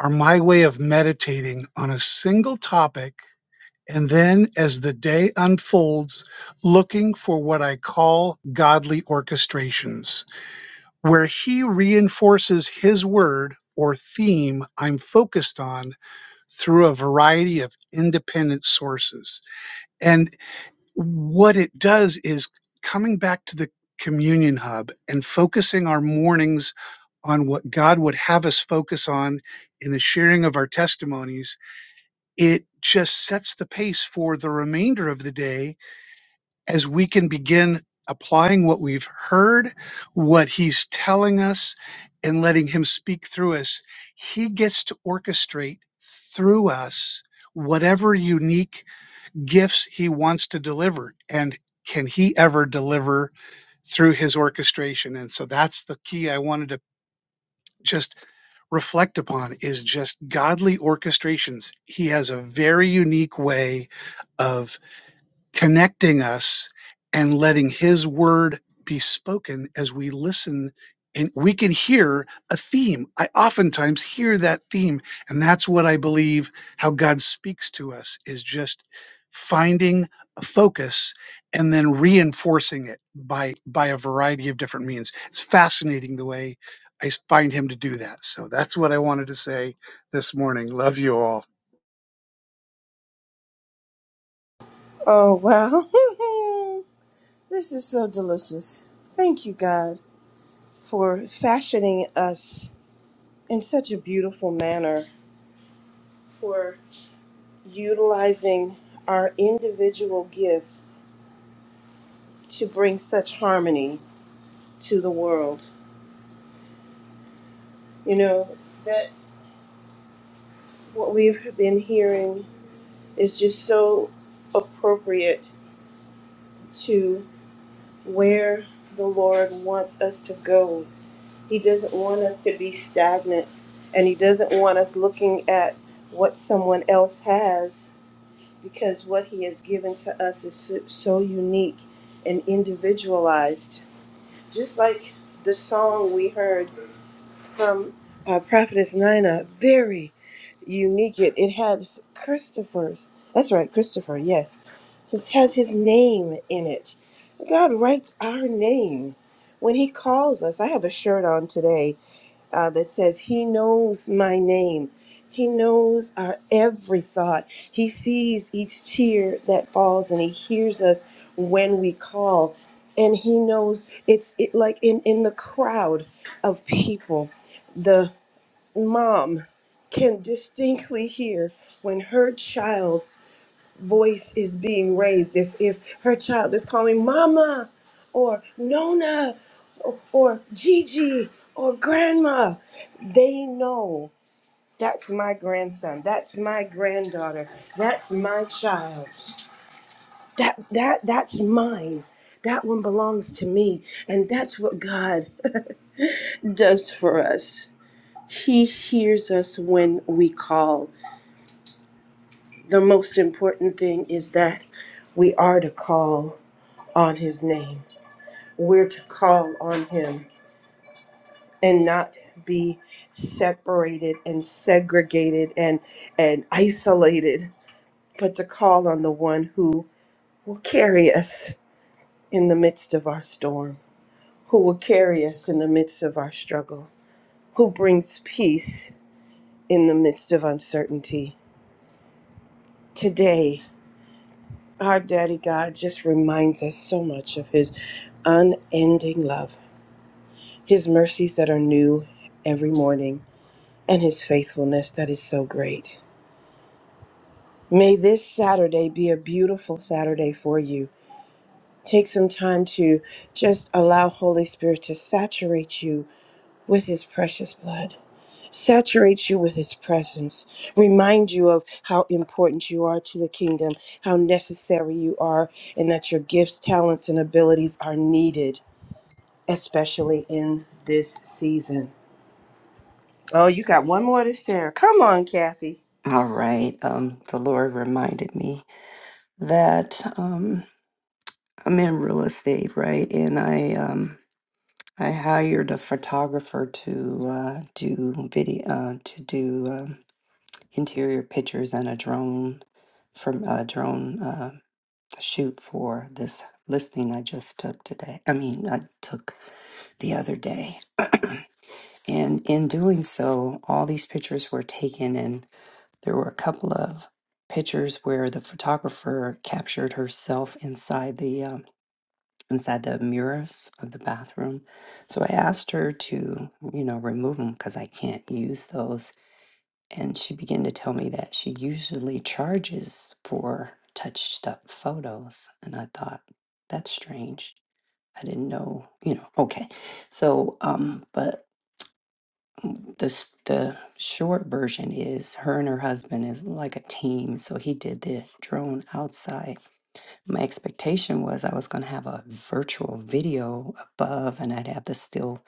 Speaker 6: are my way of meditating on a single topic. And then as the day unfolds, looking for what I call godly orchestrations, where he reinforces his word or theme I'm focused on through a variety of independent sources. And what it does is coming back to the communion hub and focusing our mornings on what God would have us focus on in the sharing of our testimonies it just sets the pace for the remainder of the day as we can begin applying what we've heard, what he's telling us, and letting him speak through us. He gets to orchestrate through us whatever unique gifts he wants to deliver. And can he ever deliver through his orchestration? And so that's the key I wanted to just reflect upon is just godly orchestrations. He has a very unique way of connecting us and letting his word be spoken as we listen and we can hear a theme i oftentimes hear that theme and that's what i believe how god speaks to us is just finding a focus and then reinforcing it by by a variety of different means it's fascinating the way i s- find him to do that so that's what i wanted to say this morning love you all
Speaker 1: Oh, wow. this is so delicious. Thank you, God, for fashioning us in such a beautiful manner, for utilizing our individual gifts to bring such harmony to the world. You know, that. what we've been hearing is just so appropriate to where the Lord wants us to go. He doesn't want us to be stagnant and He doesn't want us looking at what someone else has because what He has given to us is so, so unique and individualized. Just like the song we heard from uh, Prophetess Nina, very unique. It, it had Christopher's, that's right, Christopher, yes. This has his name in it. God writes our name when he calls us. I have a shirt on today uh, that says, He knows my name. He knows our every thought. He sees each tear that falls and he hears us when we call. And he knows it's it, like in, in the crowd of people the mom can just hear when her child's voice is being raised. If if her child is calling mama or nona or Gigi or grandma, they know that's my grandson, that's my granddaughter, that's my child. That that that's mine. That one belongs to me. And that's what God does for us. He hears us when we call. The most important thing is that we are to call on his name. We're to call on him and not be separated and segregated and and isolated, but to call on the one who will carry us in the midst of our storm, who will carry us in the midst of our struggle, who brings peace in the midst of uncertainty. Today, Our Daddy God just reminds us so much of His unending love, His mercies that are new every morning, and His faithfulness that is so great. May this Saturday be a beautiful Saturday for you. Take some time to just allow Holy Spirit to saturate you with His precious blood, saturate you with His presence, remind you of how important you are to the kingdom, how necessary you are, and that your gifts, talents, and abilities are needed especially in this season. Oh, you got one more to share. Come on, Kathy.
Speaker 3: All right. Um, the Lord reminded me that. Um, I'm in real estate, right? And I um I hired a photographer to uh, do video uh, to do um, interior pictures and a drone from a drone uh, shoot for this listing I just took today. I mean, I took the other day. And in doing so, all these pictures were taken, and there were a couple of pictures where the photographer captured herself inside the um, inside the mirrors of the bathroom. So I asked her to, you know, remove them because I can't use those. And she began to tell me that she usually charges for touched up photos. And I thought, that's strange. I didn't know, you know, okay. So, um, but the, s- the short version is her and her husband is like a team. So he did the drone outside my expectation was I was going to have a virtual video above and I'd have the still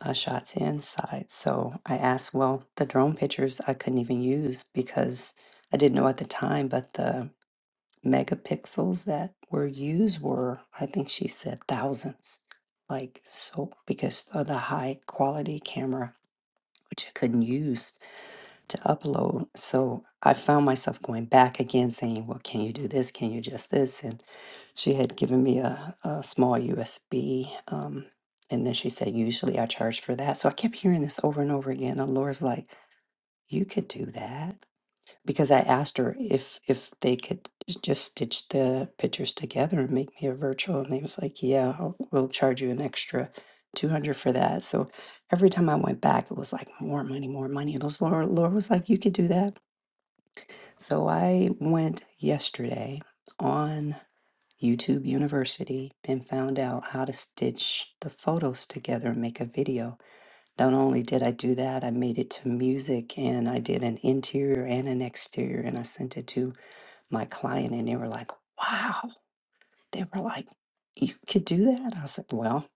Speaker 3: uh, shots inside. So I asked, well, the drone pictures I couldn't even use because I didn't know at the time, but the megapixels that were used were, I think she said, thousands. Like, so because of the high quality camera, which I couldn't use to upload. So I found myself going back again saying, Well, can you do this? Can you just this? And she had given me a, a small USB. Um, and then she said, Usually I charge for that. So I kept hearing this over and over again. And Laura's like, You could do that because I asked her if if they could just stitch the pictures together and make me a virtual, and they was like, "Yeah, I'll, we'll charge you an extra two hundred for that." So every time I went back, it was like more money, more money. And those Laura, Laura was like, "You could do that." So I went yesterday on YouTube University and found out how to stitch the photos together and make a video. Not only did I do that, I made it to music and I did an interior and an exterior and I sent it to my client and they were like, wow. They were like, you could do that? I was like, well,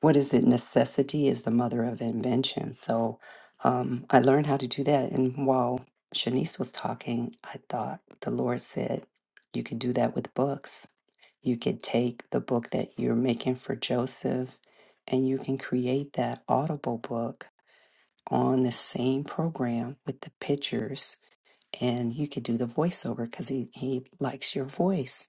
Speaker 3: what is it? Necessity is the mother of invention. So um, I learned how to do that. And while Shanice was talking, I thought the Lord said, you could do that with books. You could take the book that you're making for Joseph and you can create that audible book on the same program with the pictures and you could do the voiceover because he, he likes your voice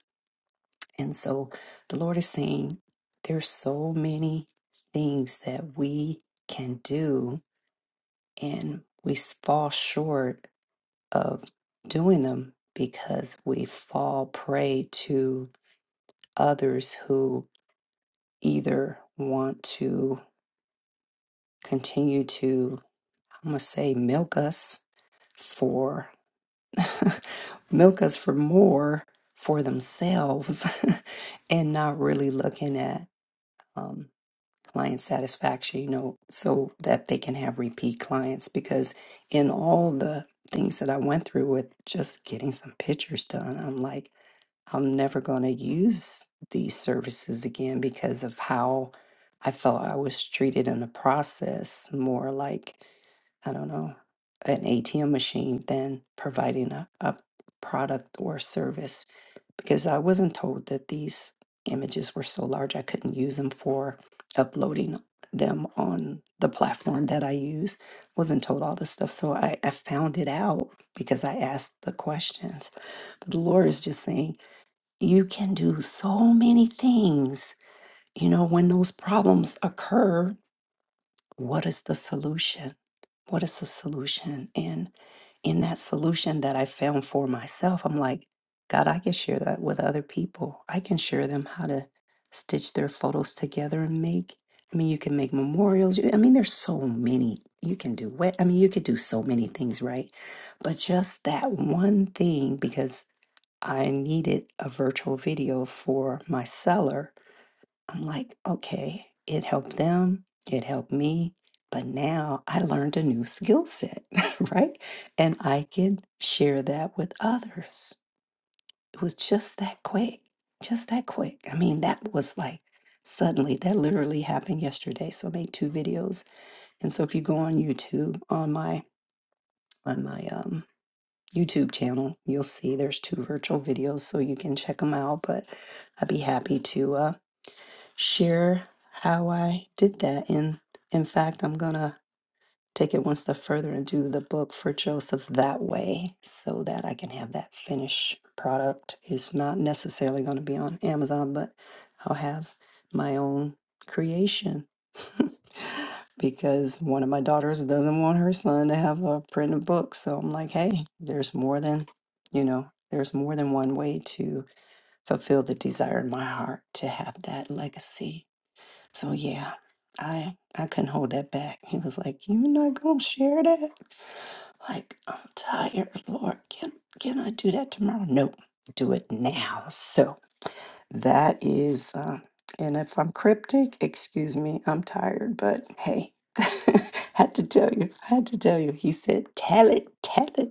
Speaker 3: And so the Lord is saying there's so many things that we can do and we fall short of doing them because we fall prey to others who either want to continue to I'm going to say milk us for milk us for more for themselves and not really looking at um, client satisfaction, you know, so that they can have repeat clients. Because in all the things that I went through with just getting some pictures done, I'm like, I'm never going to use these services again because of how I felt I was treated in the process, more like, I don't know, an ATM machine than providing a, a product or service. Because I wasn't told that these images were so large I couldn't use them for uploading them on the platform that I use. Wasn't told all this stuff. So I, I found it out because I asked the questions. But the Lord is just saying, you can do so many things. You know, when those problems occur, what is the solution? What is the solution? And in that solution that I found for myself, I'm like, God, I can share that with other people. I can share them how to stitch their photos together and make. I mean, you can make memorials. You- I mean, there's so many. You can do what? I mean, you could do so many things, right? But just that one thing, because. I needed a virtual video for my seller. I'm like, okay, it helped them, it helped me, but now I learned a new skill set, right? And I can share that with others. It was just that quick, just that quick. I mean, that was like suddenly, that literally happened yesterday. So I made two videos. And so if you go on YouTube on my, on my, um, YouTube channel. You'll see there's two virtual videos, so you can check them out. But I'd be happy to uh, share how I did that. And in fact, I'm gonna take it one step further and do the book for Joseph that way so that I can have that finished product. It's not necessarily going to be on Amazon, but I'll have my own creation. because one of my daughters doesn't want her son to have a printed book. So I'm like, hey, there's more than, you know, there's more than one way to fulfill the desire in my heart to have that legacy so yeah, I I couldn't hold that back. He was like, "You're not gonna share that?" Like I'm tired, Lord. Can can I do that tomorrow? No, do it now. So that is, uh, and if I'm cryptic, excuse me. I'm tired, but hey. had to tell you, I had to tell you. He said, Tell it, tell it.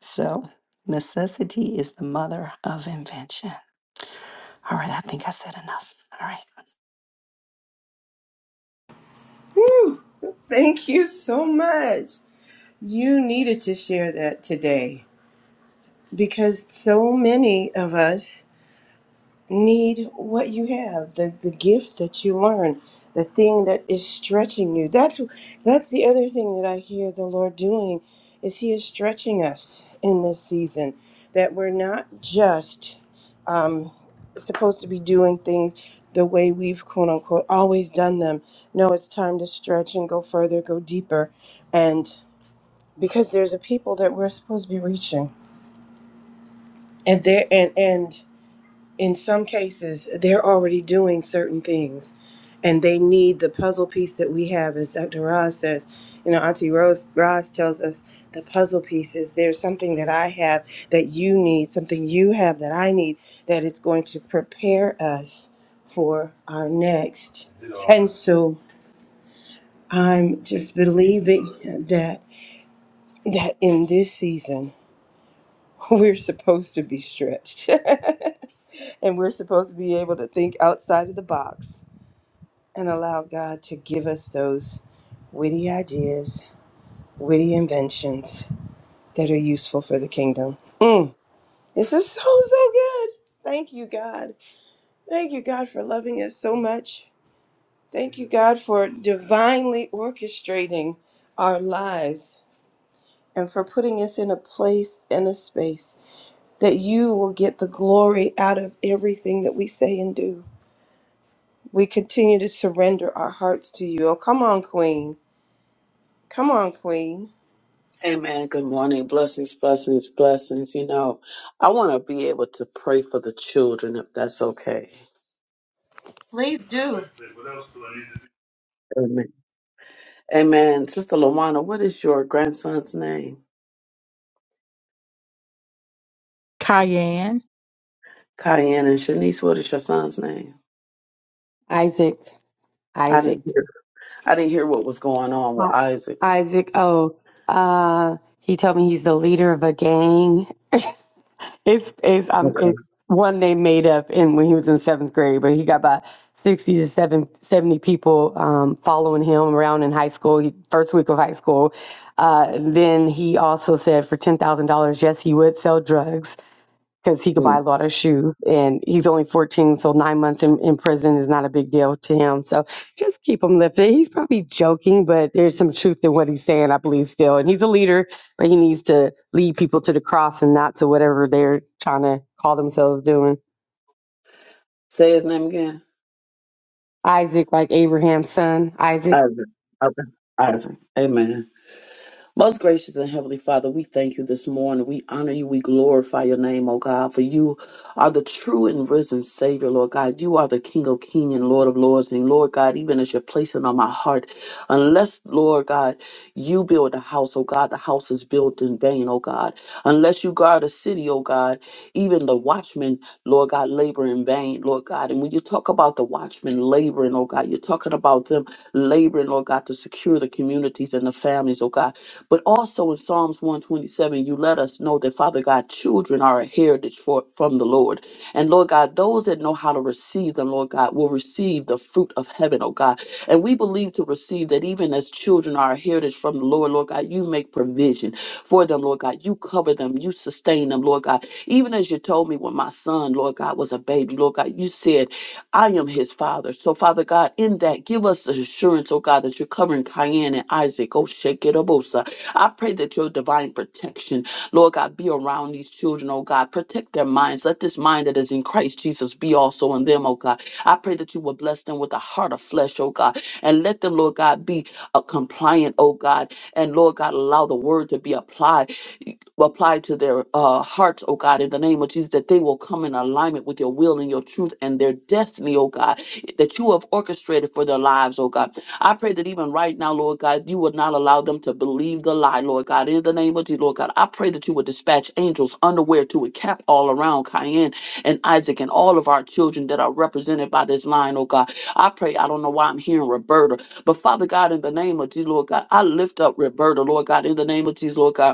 Speaker 3: So, necessity is the mother of invention. All right, I think I said enough. All right.
Speaker 1: Thank you so much. You needed to share that today because so many of us need what you have, the, the gift that you learn, the thing that is stretching you. That's that's the other thing that I hear the Lord doing is he is stretching us in this season that we're not just supposed to be doing things the way we've quote unquote always done them. No, it's time to stretch and go further, go deeper. And because there's a people that we're supposed to be reaching. And there and and in some cases they're already doing certain things and they need the puzzle piece that we have as dr Roz says you know auntie rose Roz tells us the puzzle pieces there's something that i have that you need something you have that i need that it's going to prepare us for our next and so i'm just believing that that in this season we're supposed to be stretched and we're supposed to be able to think outside of the box and allow God to give us those witty ideas, witty inventions that are useful for the kingdom. Mm, this is so, so good. Thank you, God. Thank you, God, for loving us so much. Thank you, God, for divinely orchestrating our lives and for putting us in a place and a space that you will get the glory out of everything that we say and do. We continue to surrender our hearts to you. Oh, come on, Queen. Come on, Queen.
Speaker 7: Amen. Good morning. Blessings, blessings, blessings. You know, I want to be able to pray for the children if that's okay. Amen. Amen. Sister Lawana, what is your grandson's name?
Speaker 5: Cayenne.
Speaker 7: Cayenne and Shanice, what is your son's name?
Speaker 4: Isaac,
Speaker 7: I didn't
Speaker 4: Isaac.
Speaker 7: hear. I didn't hear what was going on with
Speaker 4: Hi,
Speaker 7: Isaac.
Speaker 4: Isaac. Oh, uh, he told me he's the leader of a gang. It's it's um
Speaker 7: Okay.
Speaker 4: it's one they made up in when he was in seventh grade, but he got about sixty to seven seventy people um, following him around in high school. He, first week of high school, uh, then he also said for ten thousand dollars, yes, he would sell drugs because he could buy a
Speaker 7: Mm.
Speaker 4: lot of shoes and he's only 14 so nine months in, in prison is not a big deal to him so just keep him lifted he's probably joking but there's some truth in what he's saying i believe still and he's a leader but he needs to lead people to the cross and not to whatever they're trying to call themselves doing
Speaker 7: Say his name again.
Speaker 4: isaac like abraham's son isaac
Speaker 7: Isaac. Okay. Isaac. Amen. Most gracious and heavenly Father, we thank you this morning. We honor you. We glorify your name, O God, for you are the true and risen Savior, Lord God. You are the King of King and Lord of Lords. And Lord God, even as you're placing on my heart, unless, Lord God, you build a house, O God, the house is built in vain, O God. Unless you guard a city, O God, even the watchmen, Lord God, labor in vain, Lord God. And when you talk about the watchmen laboring, O God, you're talking about them laboring, Lord God, to secure the communities and the families, O God. But also in Psalms 127, you let us know that, Father God, children are a heritage for, from the Lord. And Lord God, those that know how to receive them, Lord God, will receive the fruit of heaven, oh God. And we believe to receive that even as children are a heritage from the Lord, Lord God, you make provision for them, Lord God. You cover them, you sustain them, Lord God. Even as you told me when my son, Lord God, was a baby, Lord God, you said, I am his father. So, Father God, in that, give us the assurance, oh God, that you're covering Cayenne and Isaac, oh Shekerabosa. I pray that your divine protection, Lord God, be around these children, oh God. Protect their minds. Let this mind that is in Christ Jesus be also in them, oh God. I pray that you will bless them with a heart of flesh, oh God. And let them, Lord God, be a compliant, oh God. And Lord God, allow the word to be applied will apply to their uh, hearts, oh God, in the name of Jesus, that they will come in alignment with your will and your truth and their destiny, oh God, that you have orchestrated for their lives, oh God. I pray that even right now, Lord God, you would not allow them to believe the lie, Lord God, in the name of Jesus, Lord God. I pray that you would dispatch angels underwear to encamp all around Cayenne and Isaac and all of our children that are represented by this line, oh God. I pray, I don't know why I'm hearing Roberta, but Father God, in the name of Jesus, Lord God, I lift up Roberta, Lord God, in the name of Jesus, Lord God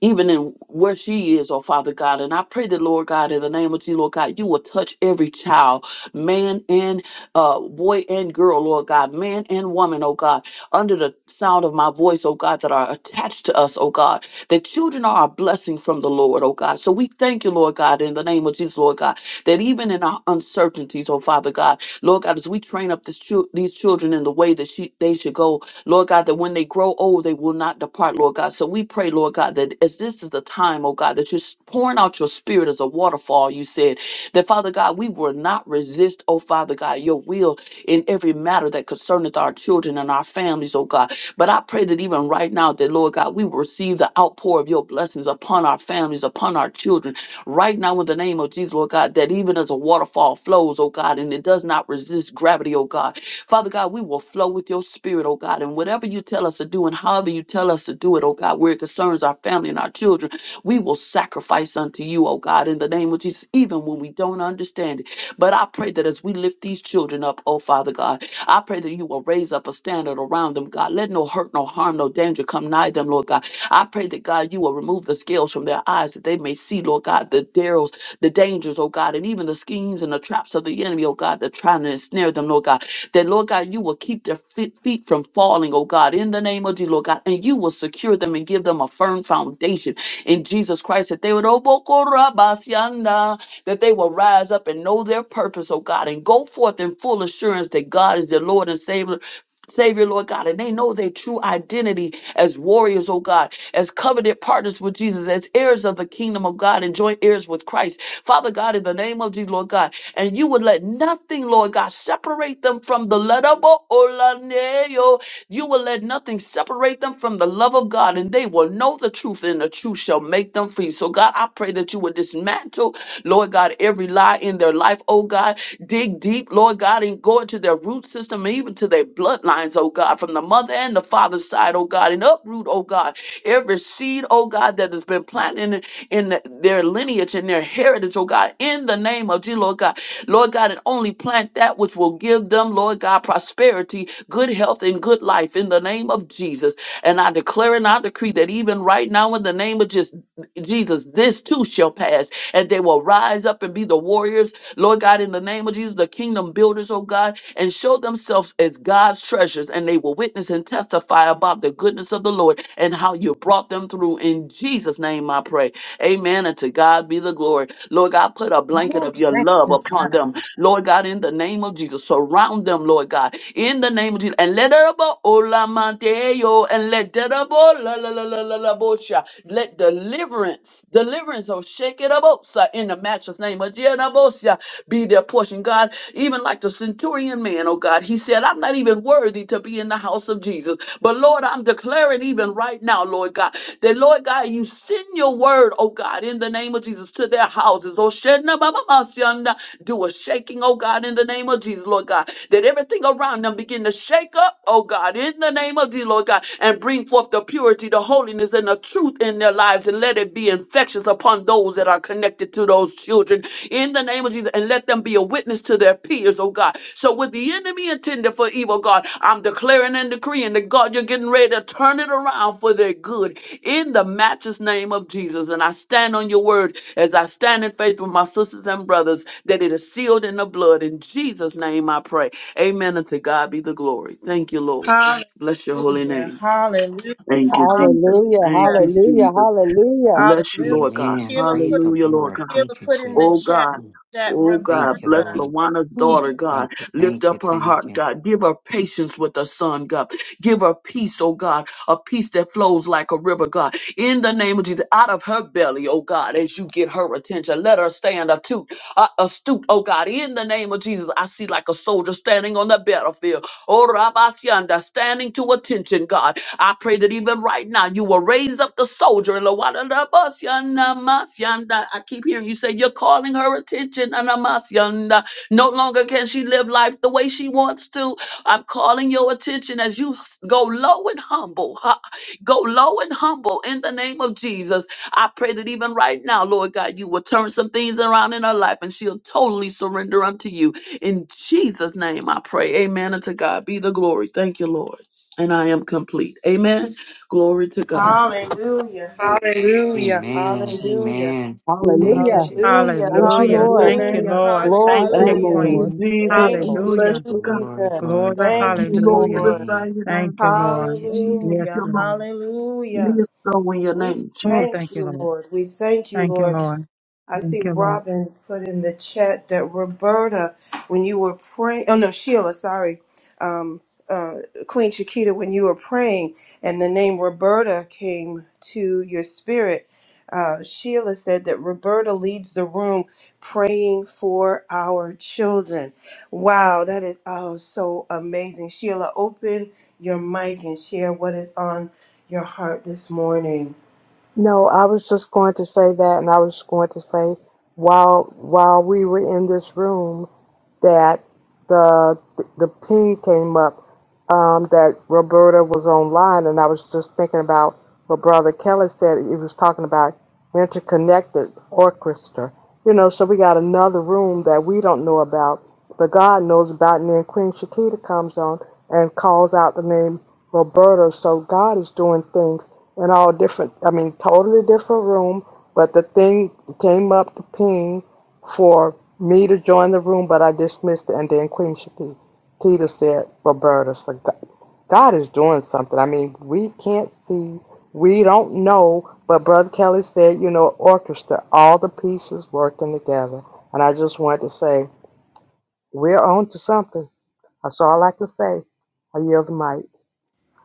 Speaker 7: even in where she is, oh Father God. And I pray that, Lord God, in the name of Jesus, Lord God, you will touch every child, man and uh, boy and girl, Lord God, man and woman, oh God, under the sound of my voice, oh God, that are attached to us, oh God, that children are a blessing from the Lord, oh God. So we thank you, Lord God, in the name of Jesus, Lord God, that even in our uncertainties, oh Father God, Lord God, as we train up this chil- these children in the way that she- they should go, Lord God, that when they grow old, they will not depart, Lord God. So we pray, Lord God, that as this is the time, oh God, that you're pouring out your spirit as a waterfall, you said, that Father God, we will not resist, oh Father God, your will in every matter that concerneth our children and our families, oh God. But I pray that even right now, that Lord God, we will receive the outpour of your blessings upon our families, upon our children. Right now, in the name of Jesus, Lord God, that even as a waterfall flows, oh God, and it does not resist gravity, oh God. Father God, we will flow with your spirit, oh God. And whatever you tell us to do and however you tell us to do it, oh God, where it concerns our family and our children, we will sacrifice unto you, oh God, in the name of Jesus, even when we don't understand it. But I pray that as we lift these children up, oh Father God, I pray that you will raise up a standard around them, God. Let no hurt, no harm, no danger come nigh them, Lord God. I pray that God, you will remove the scales from their eyes that they may see, Lord God, the darrows, the dangers, oh God, and even the schemes and the traps of the enemy, oh God, that trying to ensnare them, Lord God. That, Lord God, you will keep their fe- feet from falling, oh God, in the name of Jesus, Lord God, and you will secure them and give them a firm foundation in Jesus Christ that they would oh, that they will rise up and know their purpose, oh God, and go forth in full assurance that God is their Lord and Savior. Savior, Lord God, and they know their true identity as warriors, oh God, as covenant partners with Jesus, as heirs of the kingdom of God, and joint heirs with Christ. Father God, in the name of Jesus, Lord God, and you would let nothing, Lord God, separate them from the letter you will let nothing separate them from the love of God, and they will know the truth, and the truth shall make them free. So, God, I pray that you would dismantle, Lord God, every lie in their life, oh God. Dig deep, Lord God, and go into their root system and even to their bloodlines, oh God, from the mother and the father's side, oh God, and uproot, oh God, every seed, oh God, that has been planted in, in their lineage and their heritage, oh God, in the name of Jesus, Lord God. Lord God, and only plant that which will give them, Lord God, prosperity, good health, and good life in the name of Jesus. And I declare and I decree that even right now, in the name of Jesus Jesus, this too shall pass, and they will rise up and be the warriors, Lord God, in the name of Jesus, the kingdom builders, oh God, and show themselves as God's treasures, and they will witness and testify about the goodness of the Lord and how you brought them through. In Jesus' name, I pray. Amen. And to God be the glory. Lord God, put a blanket of your love upon them Lord God, in the name of Jesus, surround them, Lord God, in the name of Jesus, and let it up, oh, and let it up, oh, la, la, la, la, la, la, bo, let deliverance, deliverance, oh, shake it up, oh, in the matchless name of Jesus, bo, be their portion, God, even like the centurion man, oh God, he said, I'm not even worthy to be in the house of Jesus, but Lord, I'm declaring declare it even right now, Lord God, that Lord God, you send your word, oh God, in the name of Jesus to their houses. Oh, Shedna Baba Masianda, do a shaking, oh God, in the name of Jesus, Lord God, that everything around them begin to shake up, oh God, in the name of Jesus, Lord God, and bring forth the purity, the holiness, and the truth in their lives, and let it be infectious upon those that are connected to those children in the name of Jesus, and let them be a witness to their peers, oh God so what the enemy intended for evil, God, I'm declaring and decreeing that God, you're getting ready to turn it around for their good in the matchless name of Jesus. And I stand on your word as I stand in faith with my sisters and brothers that it is sealed in the blood. In Jesus' name I pray. Amen. And to God be the glory. Thank you, Lord. Bless your holy
Speaker 1: Hallelujah.
Speaker 7: name.
Speaker 1: Hallelujah.
Speaker 7: Thank you, Jesus.
Speaker 4: hallelujah
Speaker 7: Thank
Speaker 1: Hallelujah.
Speaker 7: you,
Speaker 4: hallelujah
Speaker 7: Jesus.
Speaker 4: hallelujah
Speaker 7: Bless you,
Speaker 1: Hallelujah.
Speaker 7: Lord God.
Speaker 3: Amen.
Speaker 1: Sheila
Speaker 3: Praise
Speaker 1: put,
Speaker 3: the
Speaker 7: Hallelujah, Lord
Speaker 3: Lord.
Speaker 7: God.
Speaker 1: Sheila
Speaker 3: Thank you,
Speaker 1: put in the
Speaker 7: Oh
Speaker 3: Jesus.
Speaker 1: chat
Speaker 7: God.
Speaker 3: Ooh,
Speaker 1: that
Speaker 7: Oh God,
Speaker 3: Thank you,
Speaker 7: bless
Speaker 1: Roberta.
Speaker 3: Lord.
Speaker 7: Lawana's
Speaker 3: Ooh,
Speaker 1: she-
Speaker 7: daughter, God.
Speaker 3: Thank you,
Speaker 7: Lift
Speaker 3: thank you,
Speaker 7: up her
Speaker 3: thank
Speaker 7: heart, God. Give her patience with her son, God. Give her peace, oh God, a peace that flows like a river, God. In the name of Jesus, out of her belly, oh God, as you get her attention, let her stand astute, uh, astute, oh God. In the name of Jesus, I see like a soldier standing on the battlefield. Oh Rabasianda, standing to attention, God I pray that even right now you will raise up the soldier. Lawadadabasyanamasyanda. I keep hearing you say you're calling her attention. Anamasyanda. No longer can she live life the way she wants to. I'm calling your attention as you s- go low and humble. Ha. Go low and humble in the name of Jesus. I pray that even right now, Lord God, you will turn some things around in her life and she'll totally surrender unto you. In Jesus' name I pray. Amen. And to God be the glory. Thank you, Lord and I am complete. Amen. Glory to God.
Speaker 1: Hallelujah.
Speaker 3: you.
Speaker 1: Hallelujah. Hallelujah.
Speaker 3: Amen.
Speaker 7: Lord.
Speaker 3: Thank you,
Speaker 4: hallelujah
Speaker 1: Hallelujah.
Speaker 3: Jesus.
Speaker 4: thank
Speaker 7: Bless
Speaker 4: you
Speaker 7: your
Speaker 5: Hallelujah.
Speaker 4: lord
Speaker 7: holy
Speaker 5: Thank you,
Speaker 1: Hallelujah.
Speaker 7: name.
Speaker 5: Lord.
Speaker 4: glory
Speaker 5: Thank
Speaker 4: to
Speaker 5: you,
Speaker 7: Thank
Speaker 2: Hallelujah,
Speaker 1: Hallelujah.
Speaker 4: your
Speaker 7: you,
Speaker 4: name
Speaker 2: Lord.
Speaker 5: Queen.
Speaker 2: Thank
Speaker 7: Jesus.
Speaker 2: you,
Speaker 1: Thank
Speaker 7: We
Speaker 2: Lord.
Speaker 1: you,
Speaker 7: bless
Speaker 5: Hallelujah.
Speaker 7: you, God.
Speaker 3: Glory,
Speaker 1: Jesus.
Speaker 3: glory,
Speaker 5: Glory.
Speaker 7: We
Speaker 1: Thank
Speaker 3: glory
Speaker 1: you,
Speaker 3: to your
Speaker 5: Hallelujah.
Speaker 1: Lord.
Speaker 7: Glorify
Speaker 3: name.
Speaker 7: your
Speaker 5: Thank
Speaker 7: name,
Speaker 5: you,
Speaker 7: God.
Speaker 3: Thank you,
Speaker 5: Lord.
Speaker 7: Thank
Speaker 3: Jesus.
Speaker 5: Yes,
Speaker 1: Hallelujah.
Speaker 7: you, Lord.
Speaker 5: Lord.
Speaker 7: It
Speaker 1: Hallelujah.
Speaker 7: is so in your
Speaker 1: We
Speaker 7: name,
Speaker 5: Oh,
Speaker 1: thank
Speaker 5: thank
Speaker 7: Jesus.
Speaker 5: you,
Speaker 1: you,
Speaker 5: Lord.
Speaker 1: Lord. We thank you,
Speaker 5: Thank you,
Speaker 1: Lord.
Speaker 5: Lord.
Speaker 1: I
Speaker 5: Thank
Speaker 1: see
Speaker 5: you, Lord.
Speaker 1: Robin put in the chat that Roberta, when you were praying, oh no, Sheila, sorry, um, uh, Queen Chiquita, when you were praying and the name Roberta came to your spirit, uh, Sheila said that Roberta leads the room praying for our children. Wow, that is oh so amazing. Sheila, open your mic and share what is on your heart this morning.
Speaker 8: No, I was just going to say that, and I was going to say while while we were in this room that the the P came up um, that Roberta was online, and I was just thinking about what Brother Kelly said. He was talking about interconnected orchestra. You know, so we got another room that we don't know about, but God knows about. And then Queen Shakita comes on and calls out the name Roberta. So God is doing things in all different, I mean, totally different room, but the thing came up to ping for me to join the room, but I dismissed it. And then Queen Shakita said, Roberta, so God, God is doing something. I mean, we can't see, we don't know, but Brother Kelly said, you know, orchestra, all the pieces working together. And I just wanted to say, we're on to something. That's all I can say. I yield the mic.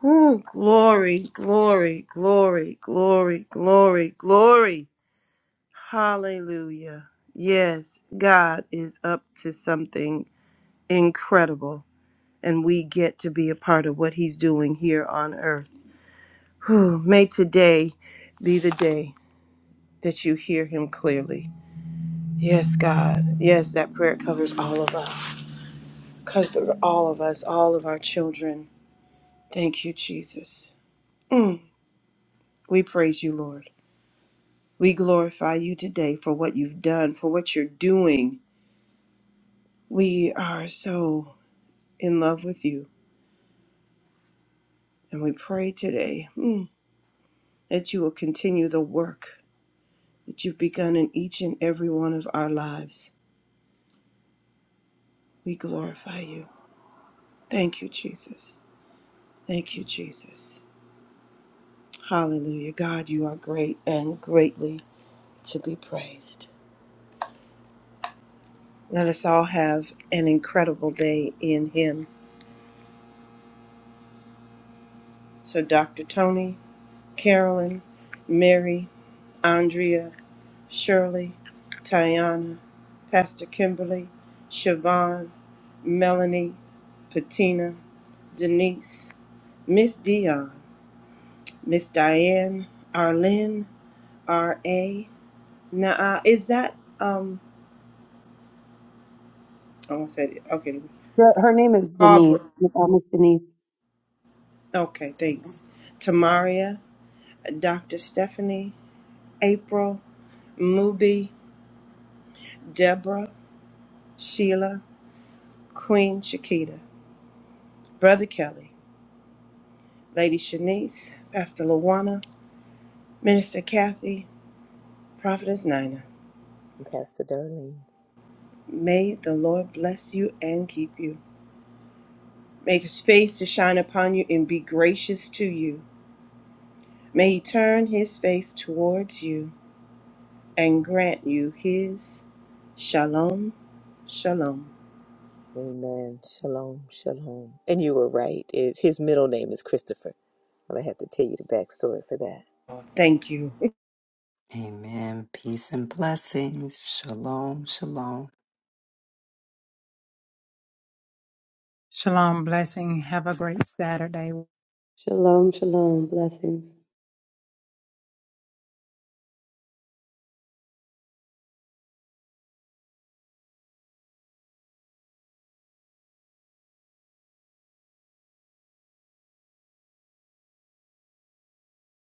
Speaker 1: Ooh, glory, glory, glory, glory, glory, glory. Hallelujah. Yes, God is up to something incredible, and we get to be a part of what He's doing here on earth. Whew, may today be the day that you hear Him clearly. Yes, God. Yes, that prayer covers all of us, cover all of us, all of our children. Thank you, Jesus. We praise you, Lord. We glorify you today for what you've done, for what you're doing. We are so in love with you. And we pray today mm, that you will continue the work that you've begun in each and every one of our lives. We glorify you. Thank you, Jesus. Thank you, Jesus. Hallelujah. God, you are great and greatly to be praised. Let us all have an incredible day in Him. So, Dr. Tony, Carolyn, Mary, Andrea, Shirley, Tiana, Pastor Kimberly, Siobhan, Melanie, Patina, Denise, Miss Dion, Miss Diane, Arlene, R.A. Nah, is that, um, oh, I said, it. okay,
Speaker 4: her, her name is
Speaker 1: Barbara,
Speaker 4: denise uh, miss denise
Speaker 1: Okay, thanks. Tamaria, Dr. Stephanie, April, Mubi, Deborah, Sheila, Queen Shakita, Brother Kelly, Lady Shanice, Pastor Luana, Minister Kathy, Prophetess Nina,
Speaker 2: Pastor Darlene.
Speaker 1: may the Lord bless you and keep you. Make his face to shine upon you and be gracious to you. May he turn his face towards you and grant you his shalom, shalom.
Speaker 2: Amen. Shalom, shalom. And you were right. It, his middle name is Christopher. But I had to tell you the backstory for that.
Speaker 1: Thank you.
Speaker 3: Amen. Peace and blessings. Shalom, shalom.
Speaker 5: Shalom. Blessing. Have a great Saturday.
Speaker 4: Shalom, shalom. Blessings.